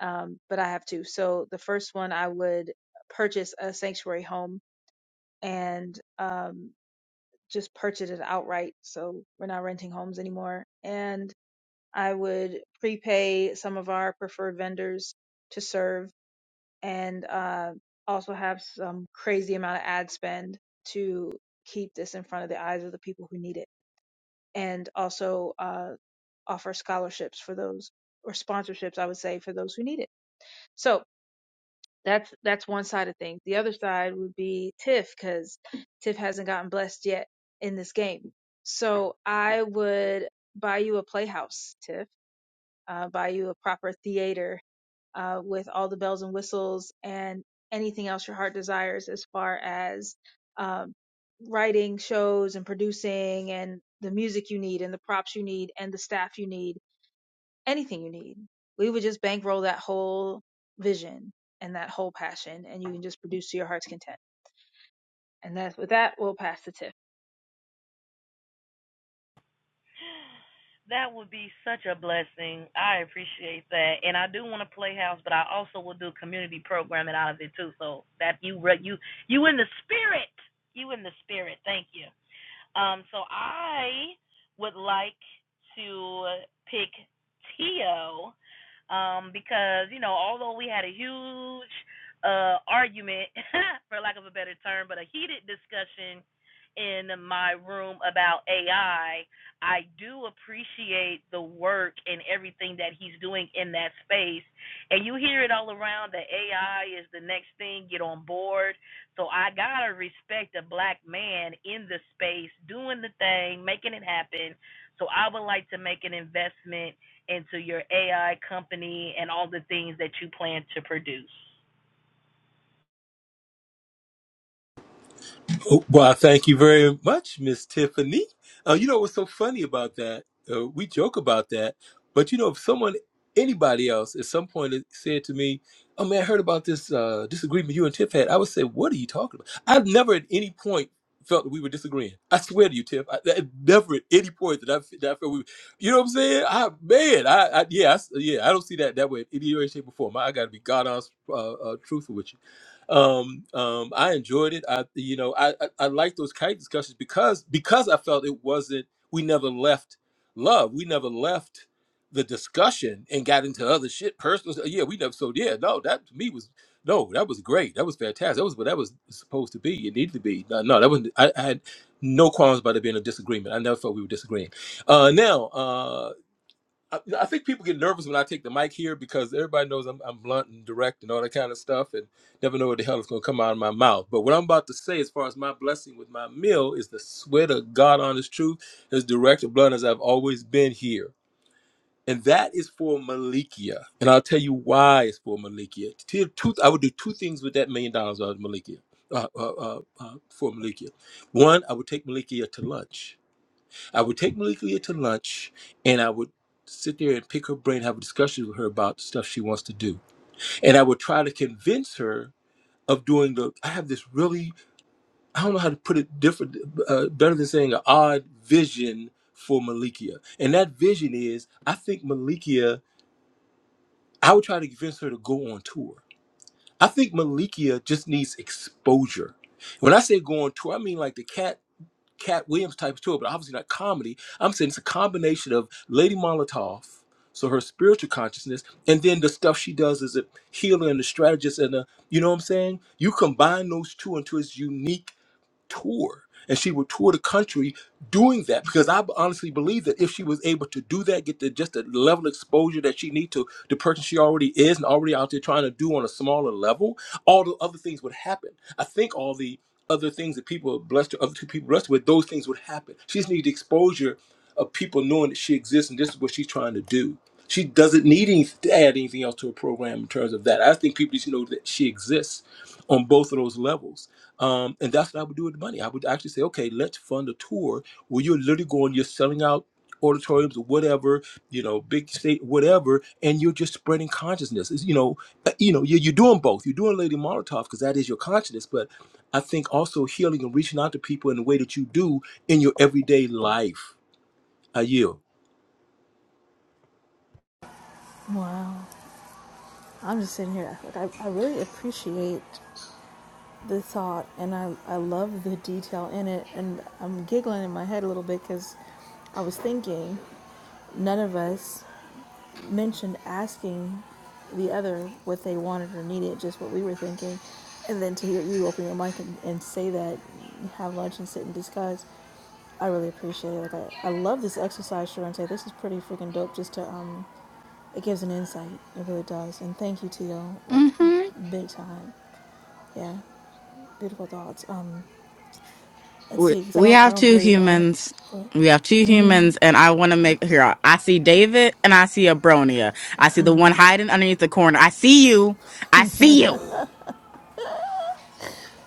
Speaker 9: Um, but I have two. So the first one, I would purchase a sanctuary home and, um, just purchase it outright. So we're not renting homes anymore. And I would prepay some of our preferred vendors to serve and uh, also have some crazy amount of ad spend to keep this in front of the eyes of the people who need it, and also uh, offer scholarships for those or sponsorships, I would say, for those who need it. So that's that's one side of things. The other side would be TIFF because TIFF hasn't gotten blessed yet in this game. So I would buy you a playhouse, TIFF, uh, buy you a proper theater uh, with all the bells and whistles and anything else your heart desires as far as um, writing shows and producing and the music you need and the props you need and the staff you need, anything you need. We would just bankroll that whole vision and that whole passion, and you can just produce to your heart's content. And that's with that, we'll pass the tip.
Speaker 11: That would be such a blessing. I appreciate that, and I do want to play house, but I also will do community programming out of it too. So that you you you in the spirit, you in the spirit. Thank you. Um, so I would like to pick Tio um, because you know, although we had a huge uh, argument, for lack of a better term, but a heated discussion in my room about AI, I I do appreciate the work and everything that he's doing in that space. And you hear it all around that AI is the next thing, get on board. So I gotta respect a black man in the space, doing the thing, making it happen. So I would like to make an investment into your AI company and all the things that you plan to produce.
Speaker 4: Oh, Well, thank you very much, Miss Tiffany. Uh, you know what's so funny about that? Uh, we joke about that, but you know, if someone, anybody else, at some point had said to me, "Oh man, I heard about this uh, disagreement you and Tiff had," I would say, "What are you talking about?" I've never at any point felt that we were disagreeing. I swear to you, Tiff, I, I- never at any point that I, f- that I felt we. Were, You know what I'm saying? I man, I, I yeah, I s yeah, I don't see that that way in any way, shape, or form. I, I got to be God honest, uh, uh, truthful with you um, um, I enjoyed it. I, you know, I, I, I like those kite discussions because because I felt it wasn't. We never left love. We never left the discussion and got into other shit, personal. stuff. Yeah, we never. So yeah, no, that to me was no, that was great. That was fantastic. That was what that was supposed to be. It needed to be. No, no that wasn't. I, I had no qualms about it being a disagreement. I never felt we were disagreeing. Uh, now, uh, I, I think people get nervous when I take the mic here because everybody knows I'm, I'm blunt and direct and all that kind of stuff, and never know what the hell is going to come out of my mouth. But what I'm about to say, as far as my blessing with my meal, is the sweat of God on His truth, as direct and blunt as I've always been here. And that is for Malikia. And I'll tell you why it's for Malikia. To tell you the truth, I would do two things with that million dollars out of Malikia, uh, uh, uh, uh, for Malikia. One, I would take Malikia to lunch I would take Malika to lunch and I would sit there and pick her brain, have a discussion with her about the stuff she wants to do. And I would try to convince her of doing the, I have this really, I don't know how to put it different, uh, better than saying an odd vision for Malikia. And that vision is, I think Malikia, I would try to convince her to go on tour. I think Malikia just needs exposure. When I say go on tour, I mean like the cat Cat Williams types to it, but obviously not comedy. I'm saying it's a combination of Lady Molotov, so her spiritual consciousness, and then the stuff she does as a healer and a strategist and a you know what I'm saying? You combine those two into its unique tour. And she would tour the country doing that because I honestly believe that if she was able to do that, get the just the level of exposure that she needs to the person she already is and already out there trying to do on a smaller level, all the other things would happen. I think all the other things that people are blessed, other two people blessed with, those things would happen. She just needs the exposure of people knowing that she exists and this is what she's trying to do. She doesn't need any, to add anything else to her program in terms of that. I think people just know that she exists on both of those levels. Um, and that's what I would do with the money. I would actually say, okay, let's fund a tour where you're literally going, you're selling out auditoriums whatever, you know, big state, whatever, and you're just spreading consciousness. It's, you know, uh, you know, you're, you're doing both. You're doing Lady Molotov because that is your consciousness, but I think also healing and reaching out to people in the way that you do in your everyday life. I yield.
Speaker 1: Wow. I'm just sitting here. Like, I, I really appreciate the thought and I, I love the detail in it. And I'm giggling in my head a little bit because I was thinking None of us mentioned asking the other what they wanted or needed, just what we were thinking. And then to hear you open your mic and, and say that, have lunch and sit and discuss, I really appreciate it. Like I, I love this exercise, Sharente. This is pretty freaking dope. Just to um, it gives an insight. It really does. And thank you, Tito. Like
Speaker 6: Mm-hmm.
Speaker 1: big time. Yeah, beautiful thoughts. Um, let's
Speaker 6: we
Speaker 1: see, because I
Speaker 6: we
Speaker 1: don't I
Speaker 6: have
Speaker 1: don't
Speaker 6: two
Speaker 1: believe uh,
Speaker 6: humans.
Speaker 1: I'm
Speaker 6: We have two humans, and I want to make here. I I see David, and I see Abronia. I see the one hiding underneath the corner. I see you. I see you.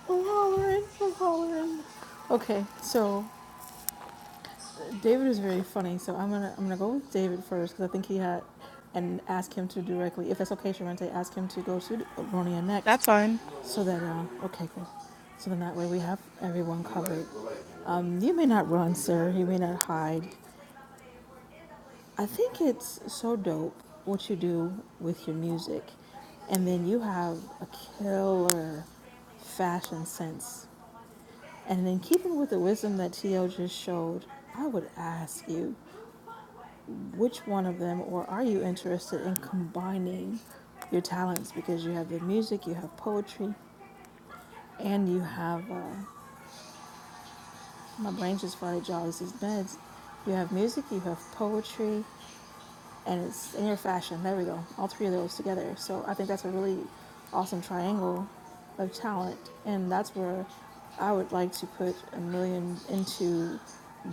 Speaker 1: hollering. I'm hollering. Okay, so David is very funny, so I'm gonna I'm gonna go with David first because I think he had and ask him to directly, if that's okay, Sharente, ask him to go to Ronia next,
Speaker 6: That's fine.
Speaker 1: so that uh, okay, cool. So then that way we have everyone covered. Um, you may not run, sir. You may not hide. I think it's so dope what you do with your music, and then you have a killer fashion sense. And then keeping with the wisdom that Tio just showed, I would ask you Which one of them, or are you interested in combining your talents because you have the music, you have poetry, and you have uh, my brain just farted, y'all. This is meds. You have music, you have poetry, and it's in your fashion. There we go. All three of those together. So I think that's a really awesome triangle of talent, and that's where I would like to put a million into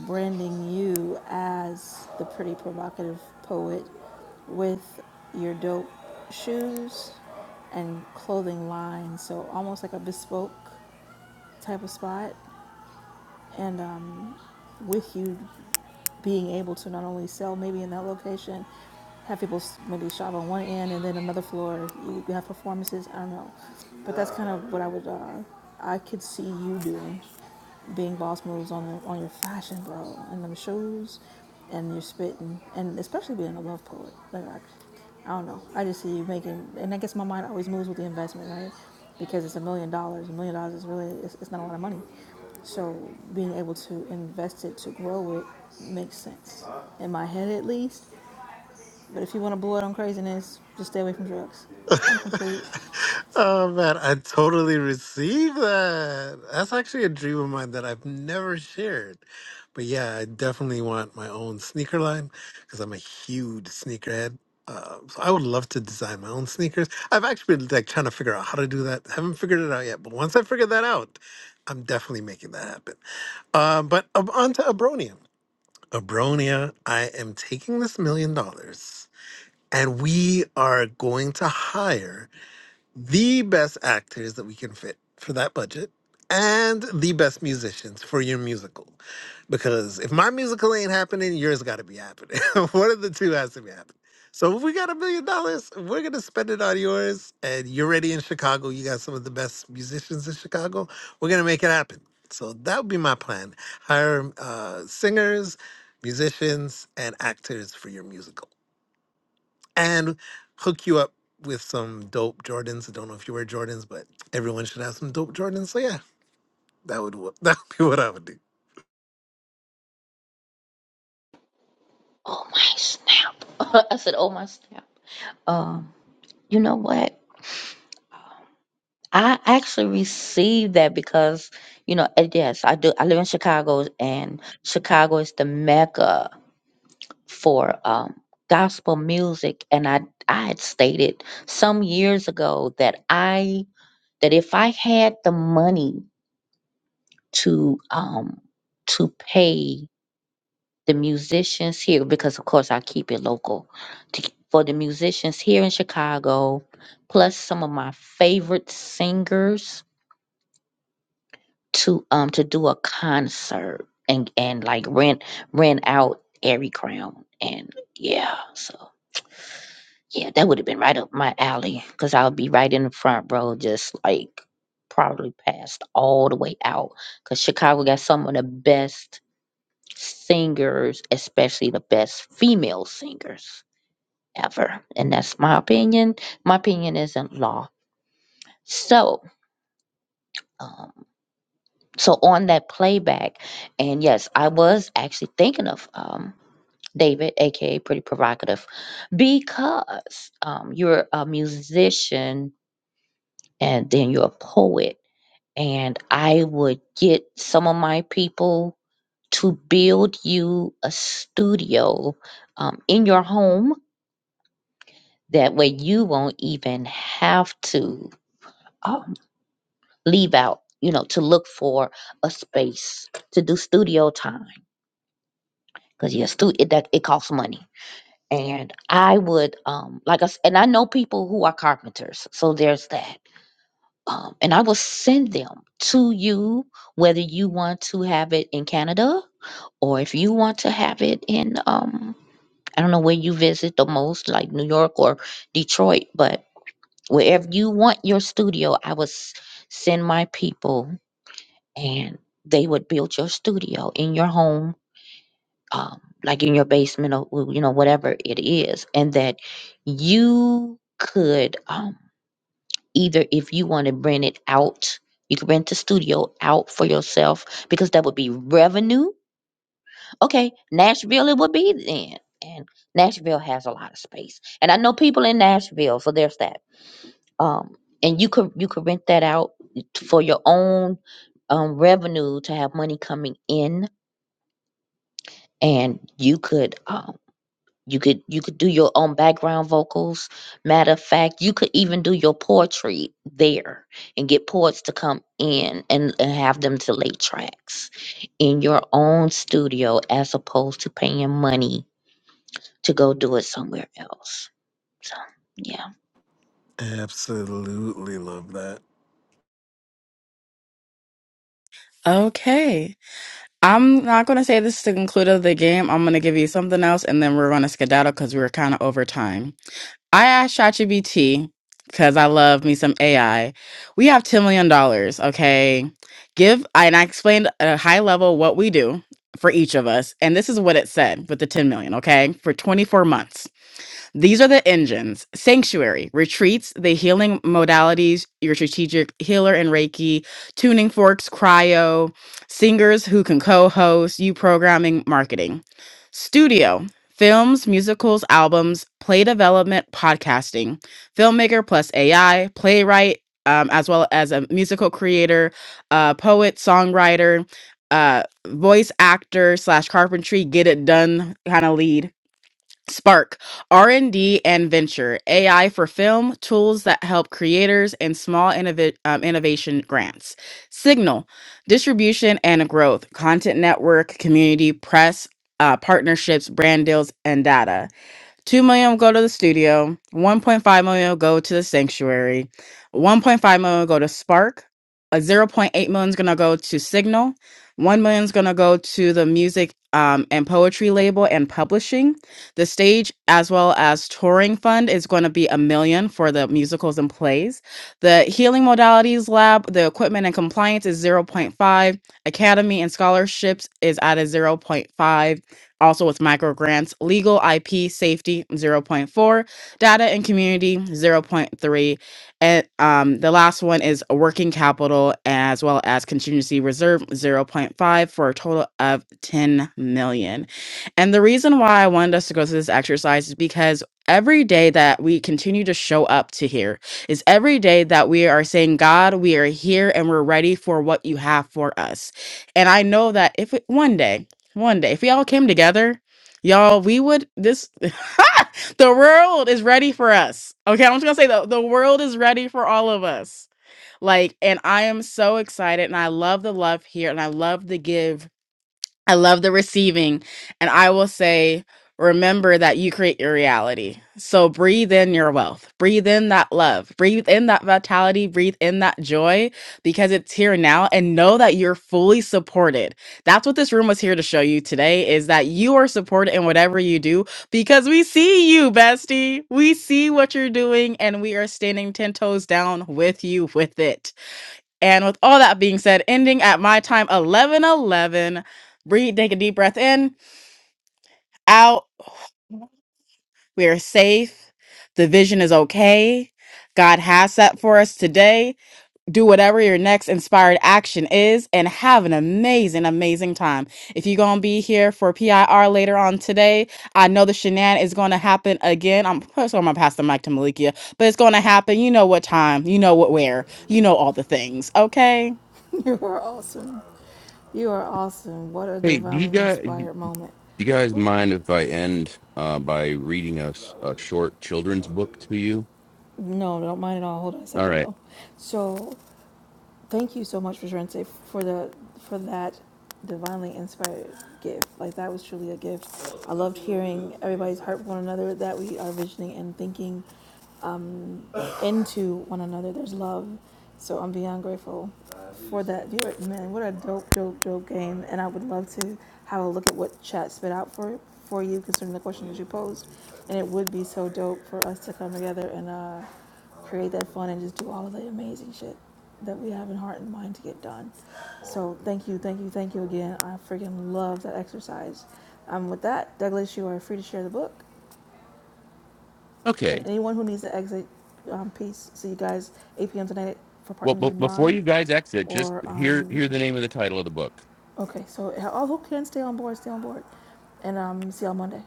Speaker 1: branding you as the pretty provocative poet with your dope shoes and clothing line. So almost like a bespoke type of spot, and um, with you being able to not only sell maybe in that location, have people maybe shop on one end and then another floor you you have performances. I don't know, but that's kind of what I would uh, I could see you doing being boss moves on the, on your fashion, bro, and them shoes, and your spitting, and especially being a love poet. Like I, I don't know. I just see you making, and I guess my mind always moves with the investment, right? Because it's a million dollars. A million dollars is really it's, it's not a lot of money. So being able to invest it to grow it makes sense in my head at least. But if you want to blow it on craziness, just stay away from drugs. I'm complete.
Speaker 3: Oh man, I totally receive that. That's actually a dream of mine that I've never shared. But yeah, I definitely want my own sneaker line because I'm a huge sneakerhead. Uh, so I would love to design my own sneakers. I've actually been like trying to figure out how to do that. Haven't figured it out yet, but once I figure that out, I'm definitely making that happen. Um, but um, on to Abronia. Abronia, I am taking this million dollars and we are going to hire the best actors that we can fit for that budget and the best musicians for your musical. Because if my musical ain't happening, yours got to be happening. One of the two has to be happening. So if we got a million dollars, we're going to spend it on yours. And you're ready in Chicago. You got some of the best musicians in Chicago. We're going to make it happen. So that would be my plan. Hire uh, singers, musicians, and actors for your musical and hook you up with some dope Jordans. I don't know if you wear Jordans, but everyone should have some dope Jordans. So yeah, that would wo- that would be what I would do.
Speaker 2: Oh my snap. I said, oh my snap. Um, you know what? I actually received that because, you know, and yes, I do. I live in Chicago and Chicago is the mecca for um, gospel music. And I, I had stated some years ago that I, that if I had the money to, um, to pay the musicians here because of course I keep it local to, for the musicians here in Chicago plus some of my favorite singers to um to do a concert and and like rent rent out every crown and yeah so yeah that would have been right up my alley because I'll be right in the front row just like probably passed all the way out because Chicago got some of the best singers especially the best female singers ever. And that's my opinion. My opinion isn't law. So, um, so on that playback, and yes, I was actually thinking of um, David, aka Pretty Provocative, because um, you're a musician and then you're a poet. And I would get some of my people to build you a studio um, in your home. That way, you won't even have to. um, leave out, you know, to look for a space to do studio time because yeah, stu- it, that it costs money. And I would um like I s- and I know people who are carpenters, so there's that. Um, and I will send them to you whether you want to have it in Canada or if you want to have it in um I don't know where you visit the most, like New York or Detroit, but wherever you want your studio, I will s- send my people and they would build your studio in your home, um, like in your basement or w- you know whatever it is, and that you could um, either if you want to rent it out, you could rent the studio out for yourself because that would be revenue. Okay, Nashville it would be then, and Nashville has a lot of space, and I know people in Nashville, so there's that. Um, and you could you could rent that out for your own um, revenue to have money coming in and you could um you could you could do your own background vocals matter of fact you could even do your poetry there and get poets to come in and, and have them to lay tracks in your own studio as opposed to paying money to go do it somewhere else so yeah
Speaker 3: Absolutely love that.
Speaker 6: Okay. I'm not going to say this is the conclude of the game. I'm going to give you something else, and then we're going to skedaddle because we were kind of over time. I asked ChatGPT because I love me some AI. We have $10 million, dollars, okay? Give, and I explained at a high level what we do for each of us. And this is what it said with the 10 million, okay? For 24 months. These are the engines sanctuary, retreats, the healing modalities, your strategic healer and Reiki, tuning forks, cryo, singers who can co host, you programming, marketing, studio, films, musicals, albums, play development, podcasting, filmmaker plus AI, playwright, um, as well as a musical creator, uh, poet, songwriter, uh, voice actor slash carpentry, get it done kind of lead Spark, R&D and D and venture, AI for film, tools that help creators and small innov- um, innovation grants. Signal, distribution and growth, content network, community, press, uh, partnerships, brand deals, and data. 2 million will go to the studio, 1.5 million will go to the sanctuary, 1.5 million will go to Spark, a zero point 0.8 million is going to go to Signal, 1 million is going to go to the music um, and poetry label and publishing. The stage as well as touring fund is going to be a million for the musicals and plays. The healing modalities lab, the equipment and compliance is zero point 0.5. Academy and scholarships is at a zero point 0.5 also, with microgrants, legal IP safety zero point 0.4, data and community zero point 0.3, and um, the last one is working capital as well as contingency reserve zero point 0.5 for a total of 10 million. And the reason why I wanted us to go through this exercise is because every day that we continue to show up to here is every day that we are saying, God, we are here and we're ready for what you have for us. And I know that if it, one day, one day, if we all came together, y'all, we would this the world is ready for us. Okay, I'm just gonna say the, the world is ready for all of us. Like, and I am so excited and I love the love here and I love the give I love the receiving. And I will say, remember that you create your reality. So breathe in your wealth, breathe in that love, breathe in that vitality, breathe in that joy because it's here now and know that you're fully supported. That's what this room was here to show you today is that you are supported in whatever you do because we see you, bestie. We see what you're doing and we are standing 10 toes down with you with it. And with all that being said, ending at my time 11 11. Breathe, take a deep breath in, out. We are safe. The vision is okay. God has set for us today. Do whatever your next inspired action is and have an amazing, amazing time. If you're going to be here for PIR later on today, I know the shenan is going to happen again. I'm first I'm going to pass the mic to Malikia, but it's going to happen. You know what time, you know what where, you know all the things, okay?
Speaker 1: You are awesome. You are awesome. What a
Speaker 5: Hey, do you
Speaker 1: divinely
Speaker 5: guys?
Speaker 1: inspired moment.
Speaker 5: Do you guys mind if I end uh, by reading a, s- a short children's book to you?
Speaker 1: No, don't mind at all. Hold on a
Speaker 5: All
Speaker 1: second
Speaker 5: right.
Speaker 1: though. So thank you so much for Sharente for the for that divinely inspired gift. Like that was truly a gift. I loved hearing everybody's heart for one another that we are visioning and thinking into one another. There's love. So I'm beyond grateful for that. You are- man, what a dope, dope, dope game. And I would love to have a look at what chat spit out for for you concerning the question that you posed. And it would be so dope for us to come together and uh, create that fun and just do all of the amazing shit that we have in heart and mind to get done. So thank you, thank you, thank you again. I freaking love that exercise. Um, with that, Douglas, you are free to share the book. And
Speaker 5: Okay.
Speaker 1: anyone who needs the exit um, piece, see you guys 8 p.m. tonight for
Speaker 5: Well,
Speaker 1: Partners
Speaker 5: b-
Speaker 1: in
Speaker 5: before
Speaker 1: Rhyme.
Speaker 5: you guys exit, just
Speaker 1: Or,
Speaker 5: hear
Speaker 1: um,
Speaker 5: hear the name of the title of the book.
Speaker 1: okay, so all who can stay on board, stay on board. And um, see y'all Monday.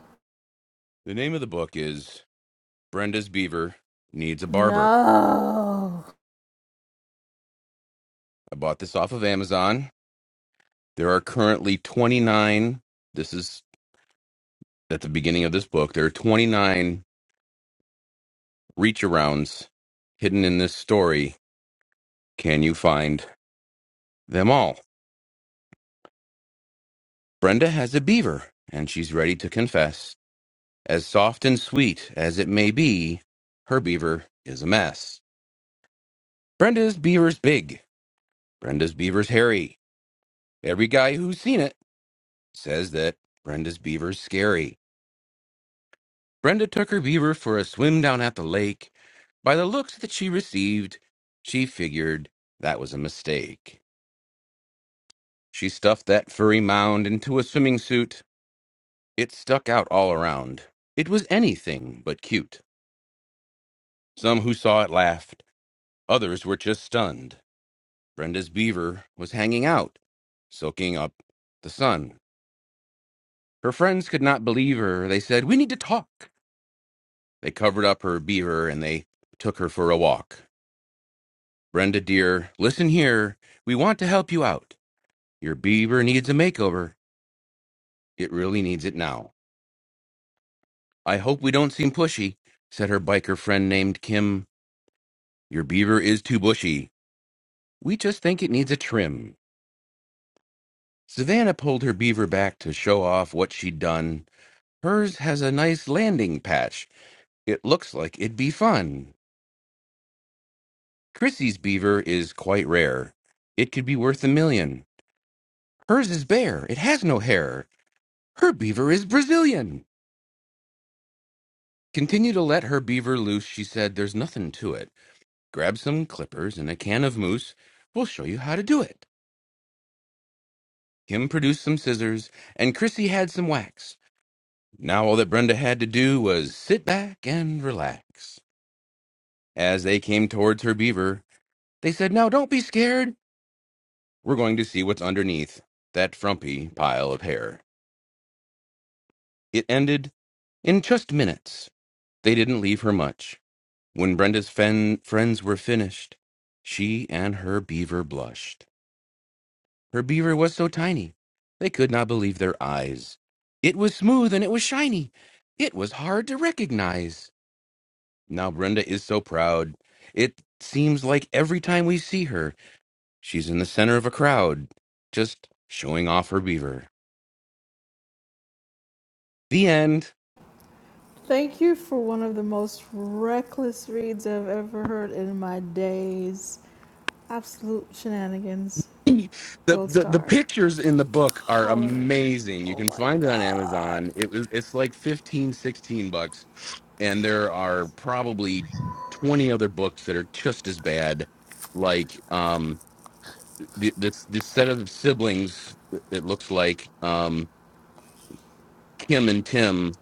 Speaker 5: The name of the book is Brenda's Beaver Needs a Barber.
Speaker 1: No.
Speaker 5: I bought this off of Amazon. There are currently 29. This is at the beginning of this book. There are 29 reach arounds hidden in this story. Can you find them all? Brenda has a beaver, and she's ready to confess. As soft and sweet as it may be, her beaver is a mess. Brenda's beaver's big. Brenda's beaver's hairy. Every guy who's seen it says that Brenda's beaver's scary. Brenda took her beaver for a swim down at the lake. By the looks that she received, she figured that was a mistake. She stuffed that furry mound into a swimming suit. It stuck out all around. It was anything but cute. Some who saw it laughed, others were just stunned. Brenda's beaver was hanging out, soaking up the sun. Her friends could not believe her. They said, We need to talk. They covered up her beaver and they took her for a walk. Brenda, dear, listen here. We want to help you out. Your beaver needs a makeover. It really needs it now. I hope we don't seem pushy, said her biker friend named Kim. Your beaver is too bushy. We just think it needs a trim. Savannah pulled her beaver back to show off what she'd done. Hers has a nice landing patch It looks like it'd be fun. Chrissy's beaver is quite rare. It could be worth a million. Hers is bare. It has no hair. Her beaver is Brazilian. Continue to let her beaver loose, she said. There's nothing to it. Grab some clippers and a can of mousse. We'll show you how to do it. Kim produced some scissors, and Chrissy had some wax. Now all that Brenda had to do was sit back and relax. As they came towards her beaver, they said, Now don't be scared. we're going to see what's underneath that frumpy pile of hair. It ended in just minutes. They didn't leave her much. When Brenda's fen- friends were finished, she and her beaver blushed. Her beaver was so tiny, they could not believe their eyes. It was smooth and it was shiny. It was hard to recognize. Now Brenda is so proud. It seems like every time we see her, she's in the center of a crowd, just showing off her beaver. The end.
Speaker 1: Thank you for one of the most reckless reads I've ever heard in my days. Absolute shenanigans.
Speaker 5: the,
Speaker 1: Gold
Speaker 5: the the
Speaker 1: star.
Speaker 5: pictures in the book are
Speaker 1: Hollering.
Speaker 5: amazing. You
Speaker 1: Oh
Speaker 5: can
Speaker 1: my
Speaker 5: find it on
Speaker 1: God.
Speaker 5: Amazon. It was it's like 15 16 bucks and there are probably 20 other books that are just as bad like um the this this set of siblings that that looks like um Kim and Tim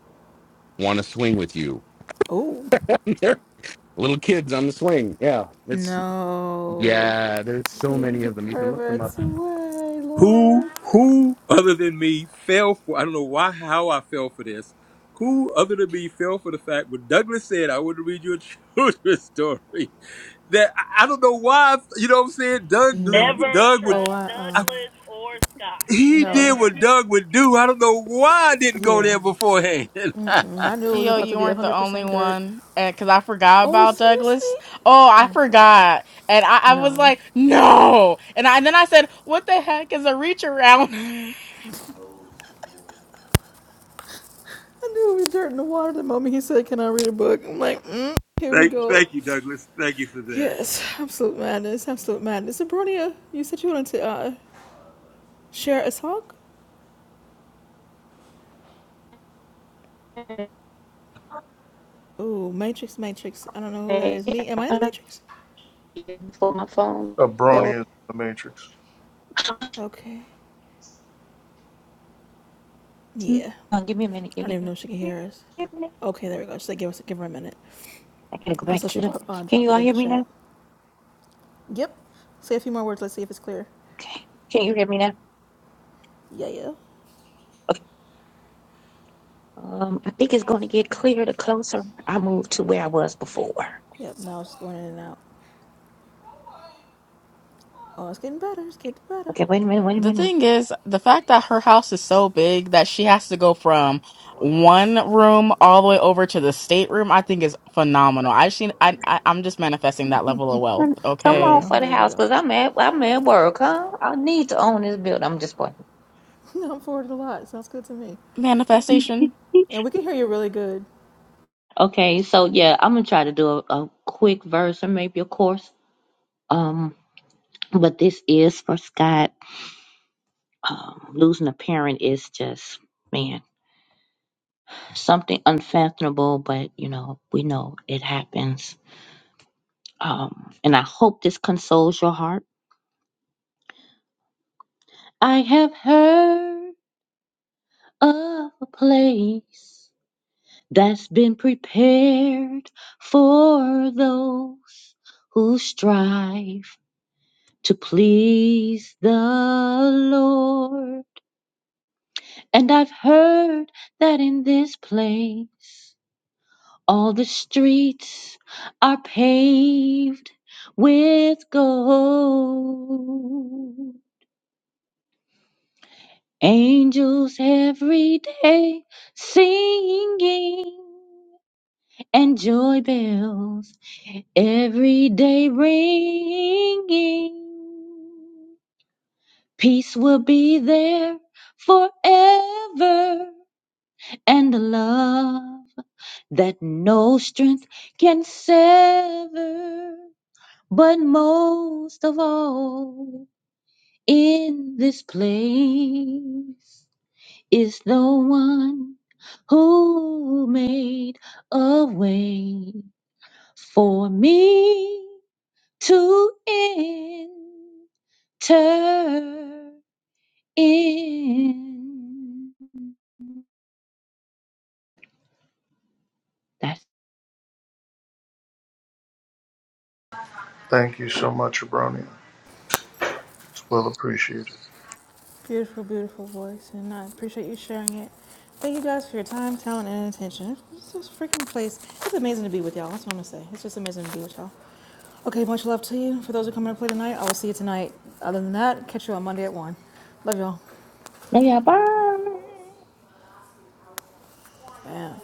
Speaker 5: want to swing with you.
Speaker 1: Oh.
Speaker 5: They're little kids on the swing. Yeah. It's
Speaker 1: No.
Speaker 5: yeah, there's so
Speaker 1: Keep
Speaker 5: many
Speaker 1: the
Speaker 5: of them. You can look them up
Speaker 1: perverts away,
Speaker 4: Who
Speaker 1: Lord.
Speaker 4: who other than me fell for I don't know why how I fell for this. Who other than me fell for the fact when Douglas said I want to read your children's story that I, I don't know why I- you know what I'm saying Doug delivered
Speaker 1: No.
Speaker 11: Never
Speaker 4: Doug would
Speaker 1: Oh,
Speaker 11: trust
Speaker 1: I, uh,
Speaker 11: Douglas or Scott.
Speaker 4: he
Speaker 1: no.
Speaker 4: did
Speaker 11: Never.
Speaker 4: what Doug would do. I don't know why I didn't go
Speaker 1: Yeah.
Speaker 4: there beforehand.
Speaker 1: Mm-mm. I knew it was
Speaker 6: Tio,
Speaker 1: about to
Speaker 6: you
Speaker 1: be
Speaker 6: weren't the only
Speaker 1: 100% dirt.
Speaker 6: one, and because I forgot
Speaker 1: Oh,
Speaker 6: about
Speaker 1: seriously?
Speaker 6: Douglas. Oh, I
Speaker 1: Okay.
Speaker 6: forgot, and I, I was
Speaker 1: No.
Speaker 6: like, no, and, I, and then I said, what the heck is a reach around?
Speaker 1: I knew it was dirt in the water the moment he said, Can I read a book? I'm like, mm, Here we
Speaker 4: thank,
Speaker 1: go.
Speaker 4: thank you, Douglas. Thank you for that.
Speaker 1: Yes. Absolute madness. Absolute madness. Abronia, you said you wanted to uh, share a talk? Ooh, Matrix, Matrix. I don't know who that
Speaker 2: Hey,
Speaker 1: is. Me? Am I in the
Speaker 2: uh,
Speaker 1: Matrix?
Speaker 2: before my phone goes.
Speaker 7: Abronia is in the Matrix.
Speaker 1: Okay.
Speaker 2: Mm,
Speaker 1: Yeah.
Speaker 2: uh, Give me a minute.
Speaker 1: I
Speaker 2: Give
Speaker 1: don't
Speaker 2: me
Speaker 1: even know if she can hear us.
Speaker 2: a minute.
Speaker 1: Okay, there we go. Just like give us give her a minute.
Speaker 2: I gotta go back
Speaker 1: Also,
Speaker 2: to
Speaker 1: she
Speaker 2: the.
Speaker 1: brought, uh,
Speaker 2: Can you
Speaker 1: dropped it
Speaker 2: all
Speaker 1: in
Speaker 2: hear
Speaker 1: the
Speaker 2: me
Speaker 1: chat.
Speaker 2: now?
Speaker 1: Yep. Say a few more words. Let's see if it's clear.
Speaker 2: Okay. Can you hear me now?
Speaker 1: Yeah, yeah.
Speaker 2: Okay. Um, I think it's going to get clearer the closer I move to where I was before.
Speaker 1: Yep. Now it's going in and out. Oh, it's getting better. It's getting better.
Speaker 2: Okay, wait
Speaker 6: the
Speaker 2: a
Speaker 6: thing is, the fact that her house is so big that she has to go from one room all the way over to the stateroom, I think is phenomenal. I seen, I, I, I'm just manifesting that level of wealth.
Speaker 2: minute. Come
Speaker 1: There we
Speaker 2: on
Speaker 6: Okay,
Speaker 1: go.
Speaker 2: for the
Speaker 1: There we
Speaker 2: house,
Speaker 1: go.
Speaker 2: cause I'm at I'm at work, huh? I need to own this building. I'm just playing.
Speaker 1: I'm forward a lot. Sounds good to me.
Speaker 6: manifestation.
Speaker 1: And we can hear you really good.
Speaker 2: Okay, so yeah, I'm gonna try to do a, a quick verse or maybe a course. Um, but this is for Scott. Um, losing a parent is just man something unfathomable, but you know we know it happens. Um, and I hope this consoles your heart. I have heard. of a place that's been prepared for those who strive to please the Lord. And I've heard that in this place all the streets are paved with gold. Angels every day singing and joy bells every day ringing. Peace will be there forever, and the love that no strength can sever. But most of all, in this place is the one who made a way for me to enter in. That's
Speaker 7: Thank you so much, Abronia. It's well appreciated.
Speaker 1: Beautiful, beautiful voice, and I appreciate you sharing it. Thank you guys for your time, talent, and attention. This is a freaking place. It's amazing to be with y'all. That's what I'm gonna say. It's just amazing to be with y'all. Okay, much love to you. For those who come to play tonight, I will see you tonight. Other than that, catch you on Monday at one. Love y'all.
Speaker 2: where I burn.
Speaker 1: Yeah.